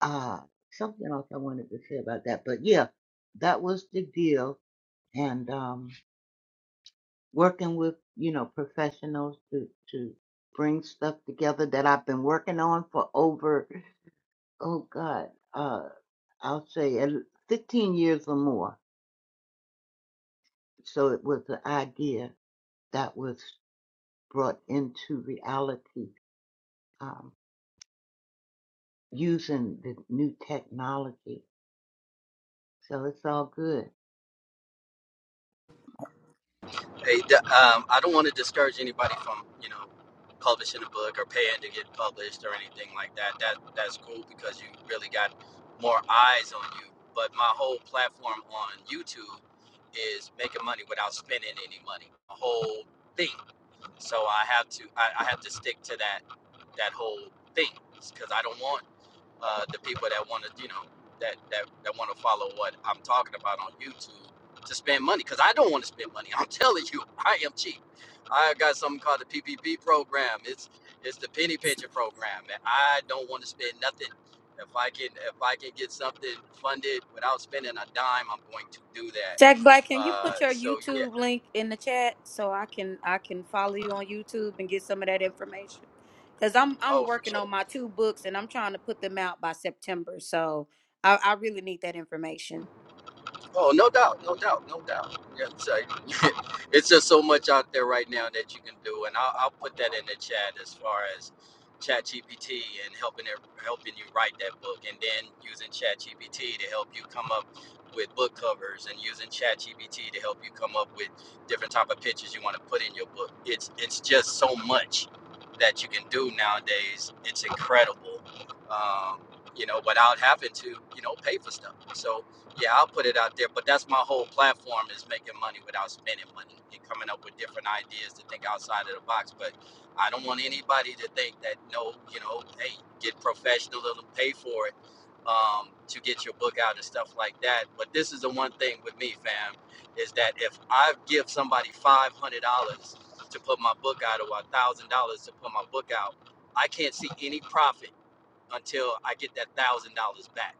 Speaker 6: uh, something else I wanted to say about that, but yeah, that was the deal. And, um, working with, you know, professionals to, to bring stuff together that I've been working on for over oh God, uh, I'll say at l- 15 years or more. So it was the idea that was brought into reality um, using the new technology. So it's all good.
Speaker 7: Hey, d- um, I don't want to discourage anybody from you know publishing a book or paying to get published or anything like that. That that's cool because you really got more eyes on you. But my whole platform on YouTube is making money without spending any money. The whole thing. So I have to I, I have to stick to that that whole thing because I don't want uh, the people that want to, you know, that that that want to follow what I'm talking about on YouTube to spend money because I don't want to spend money. I'm telling you, I am cheap. I got something called the PPP program. It's it's the penny pension program, and I don't want to spend nothing. If I can if I can get something funded without spending a dime, I'm going to do that.
Speaker 8: Jack Black, can you
Speaker 7: Uh,
Speaker 8: put your
Speaker 7: so yeah.
Speaker 8: YouTube link in the chat so I can I can follow you on YouTube and get some of that information? Cause I'm I'm
Speaker 7: Oh, for sure.
Speaker 8: working on my two books and I'm trying to put them out by September. So I, I really need that information.
Speaker 7: Oh, no doubt, no doubt, no doubt. Yeah, It's, like- it's just so much out there right now that you can do, and I'll, I'll put that in the chat as far as ChatGPT and helping it, helping you write that book, and then using ChatGPT to help you come up with book covers, and using ChatGPT to help you come up with different type of pictures you want to put in your book. It's it's just so much that you can do nowadays. It's incredible, um, you know, without having to you know pay for stuff. So yeah, I'll put it out there, but that's my whole platform is making money without spending money and coming up with different ideas to think outside of the box. But I don't want anybody to think that no, you know, hey, get professional and pay for it um, to get your book out and stuff like that. But this is the one thing with me, fam, is that if I give somebody five hundred dollars to put my book out or a thousand dollars to put my book out, I can't see any profit until I get that thousand dollars back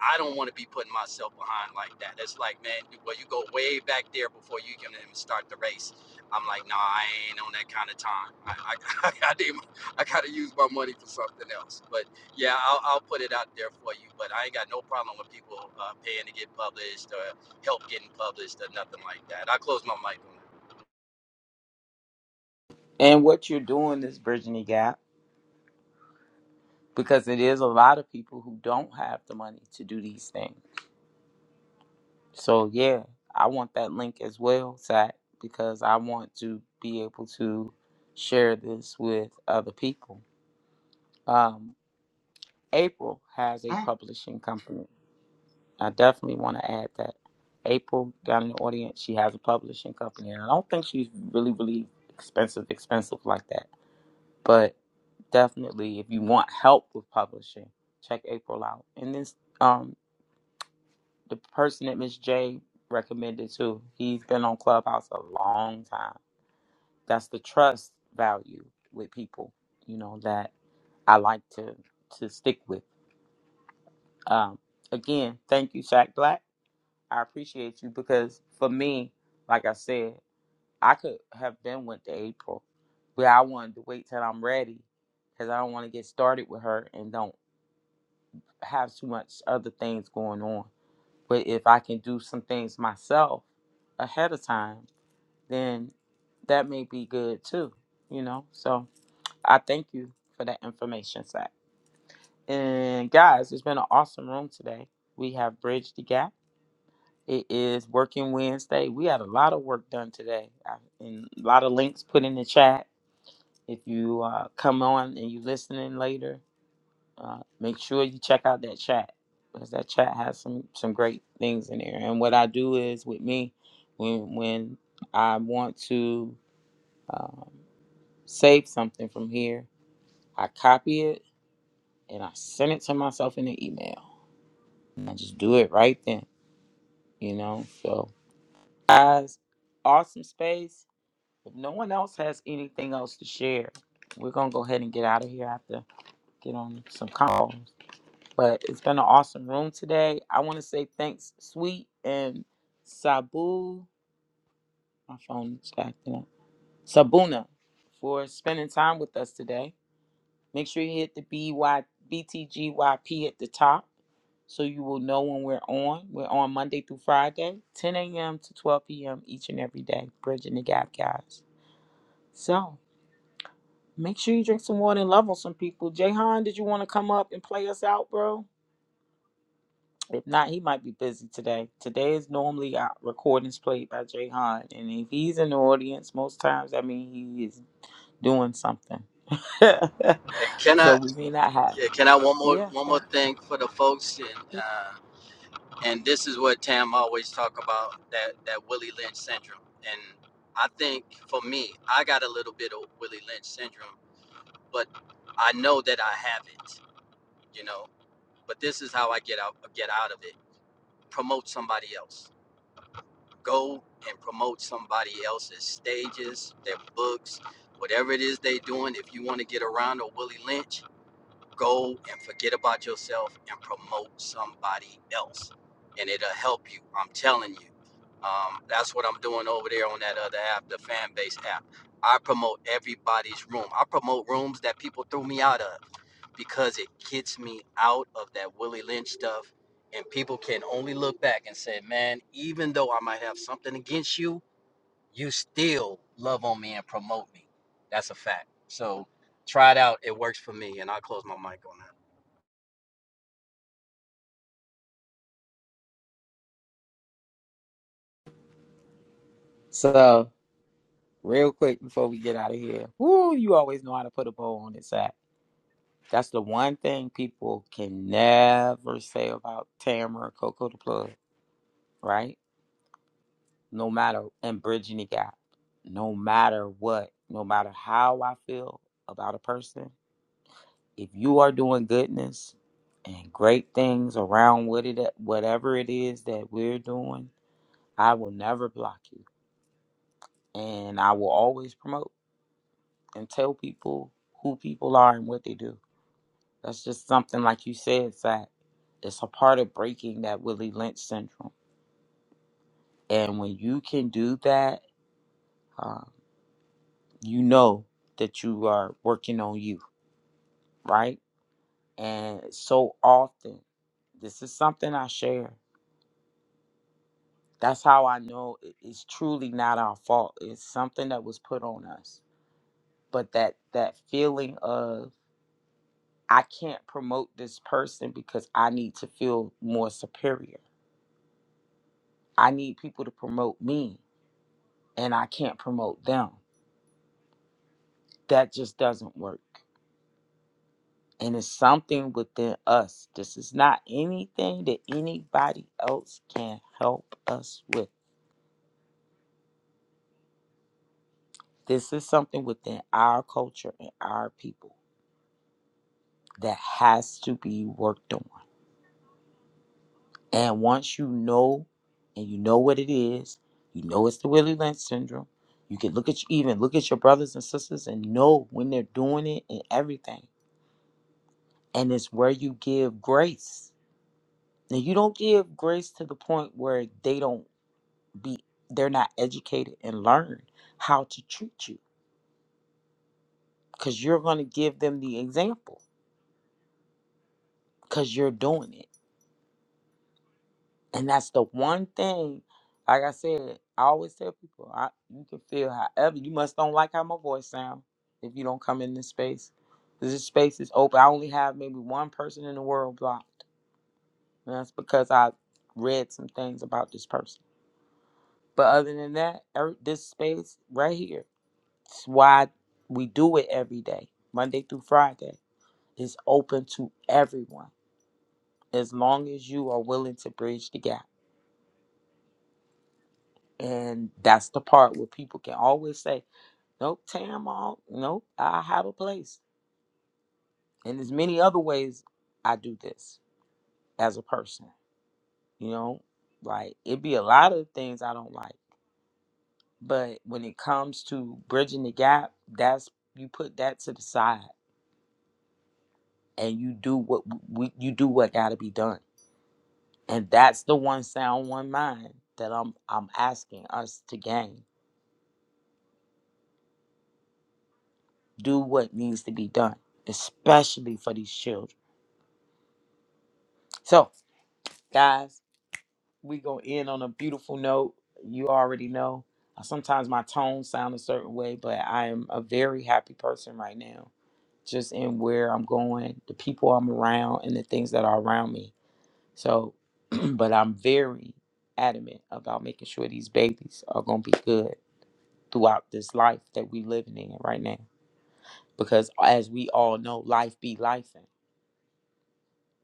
Speaker 7: I don't want to be putting myself behind like that. That's like, man, well, you go way back there before you can even start the race. I'm like, nah, I ain't on that kind of time. I, I, I, gotta, I gotta use my money for something else. But yeah, I'll, I'll put it out there for you. But I ain't got no problem with people uh, paying to get published or help getting published or nothing like that. I close my mic on that.
Speaker 1: And what you're doing is bridging the gap because it is a lot of people who don't have the money to do these things. So yeah, I want that link as well, Zach, because I want to be able to share this with other people. Um, April has a publishing company. I definitely want to add that April got an audience. She has a publishing company, and I don't think she's really, really expensive, expensive like that. But definitely, if you want help with publishing, check April out. And this, um, the person that Miss J recommended too, he's been on Clubhouse a long time. That's the trust value with people, you know, that I like to to stick with. Um, again, thank you, Shaq Black. I appreciate you because for me, like I said, I could have been went to April, but I wanted to wait till I'm ready because I don't want to get started with her and don't have too much other things going on. But if I can do some things myself ahead of time, then that may be good too, you know? So I thank you for that information, Zach. And guys, it's been an awesome room today. We have bridged the gap. It is working Wednesday. We had a lot of work done today, I- and a lot of links put in the chat. If you uh, come on and you listening later, uh, make sure you check out that chat because that chat has some some great things in there. And what I do is with me, when when I want to um, save something from here, I copy it and I send it to myself in an email. I just do it right then, you know. So guys, awesome space. If no one else has anything else to share, we're gonna go ahead and get out of here. I have to get on some calls. But it's been an awesome room today. I want to say thanks, Sweet and Sabu. My phone is acting up. Sabuna for spending time with us today. Make sure you hit the B Y B T G Y P at the top so you will know when we're on. We're on Monday through Friday, 10 a.m. to 12 p.m. each and every day. Bridging the gap, guys. So. Make sure you drink some water and love on some people. Jayhan, did you want to come up and play us out, bro? If not, he might be busy today. Today is normally our recordings played by Jayhan, and if he's in the audience, most times I mean he is doing something.
Speaker 7: Hey, Can
Speaker 1: so
Speaker 7: I,
Speaker 1: we may not have.
Speaker 7: yeah, can I one more,
Speaker 1: Yeah.
Speaker 7: one more
Speaker 1: sir.
Speaker 7: thing for the folks? And uh, and this is what Tam always talk about that that Willie Lynch syndrome. And I think for me, I got a little bit of Willie Lynch syndrome, but I know that I have it, you know. But this is how I get out get out of it. Promote somebody else. Go and promote somebody else's stages, their books, whatever it is they doing. If you want to get around a Willie Lynch, go and forget about yourself and promote somebody else and it'll help you i'm telling you um, that's what i'm doing over there on that other app the fan base app i promote everybody's room i promote rooms that people threw me out of because it gets me out of that willie lynch stuff and people can only look back and say man even though i might have something against you you still love on me and promote me that's a fact so try it out it works for me and i'll close my mic on that
Speaker 1: So real quick before we get out of here, woo, you always know how to put a bow on it, Zach. That's the one thing people can never say about Tamara Coco the Plug, right? no matter and bridging the gap no matter what no matter how i feel about a person if you are doing goodness and great things around what it whatever it is that we're doing i will never block you and i will always promote and tell people who people are and what they do that's just something like you said Zach. it's a part of breaking that willie lynch syndrome and when you can do that um, you know that you are working on you right? And so often, this is something I share. That's how I know it- it's truly not our fault. It's something that was put on us. But that that feeling of I can't promote this person because I need to feel more superior. I need people to promote me and I can't promote them. That just doesn't work. And it's something within us. This is not anything that anybody else can help us with This is something within our culture and our people that has to be worked on. And once you know and you know what it is, you know it's the Willie Lynch syndrome. You can look at you, even look at your brothers and sisters and know when they're doing it and everything. And it's where you give grace. Now you don't give grace to the point where they don't be they're not educated and learn how to treat you because you're going to give them the example because you're doing it And that's the one thing, like I said, I always tell people, I, you can feel however. You must don't like how my voice sound if you don't come in this space, This space is open. I only have maybe one person in the world blocked. And that's because I read some things about this person. But other than that, every, this space right here, it's why we do it every day, Monday through Friday. It's open to everyone as long as you are willing to bridge the gap. And that's the part where people can always say, Nope, Tam, all, nope, I have a place. And there's many other ways I do this as a person. You know, like it'd be a lot of things I don't like. But when it comes to bridging the gap, that's you put that to the side and you do what we you do what gotta be done. And that's the one sound, one mind that I'm I'm asking us to gain. Do what needs to be done, especially for these children. So guys we gonna end on a beautiful note you already know Uh, sometimes my tones sound a certain way but i am a very happy person right now just in where i'm going the people i'm around and the things that are around me so but i'm very adamant about making sure these babies are gonna be good throughout this life that we living in right now because as we all know life be life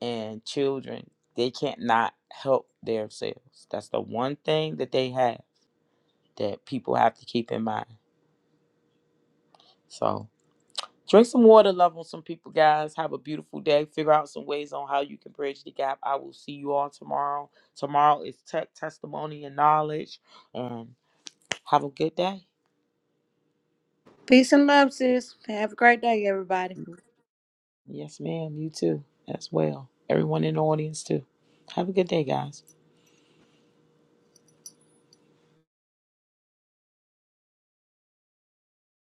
Speaker 1: and children they can't not help themselves that's the one thing that they have that people have to keep in mind. So drink some water, love on some people, guys. Have a beautiful day. Figure out some ways on how you can bridge the gap. I will see you all tomorrow. Tomorrow is tech testimony and knowledge. And have a good day.
Speaker 8: Peace and love, sis. Have a great day, everybody.
Speaker 1: Yes, ma'am. You too, as well. Everyone in the audience too. Have a good day, guys.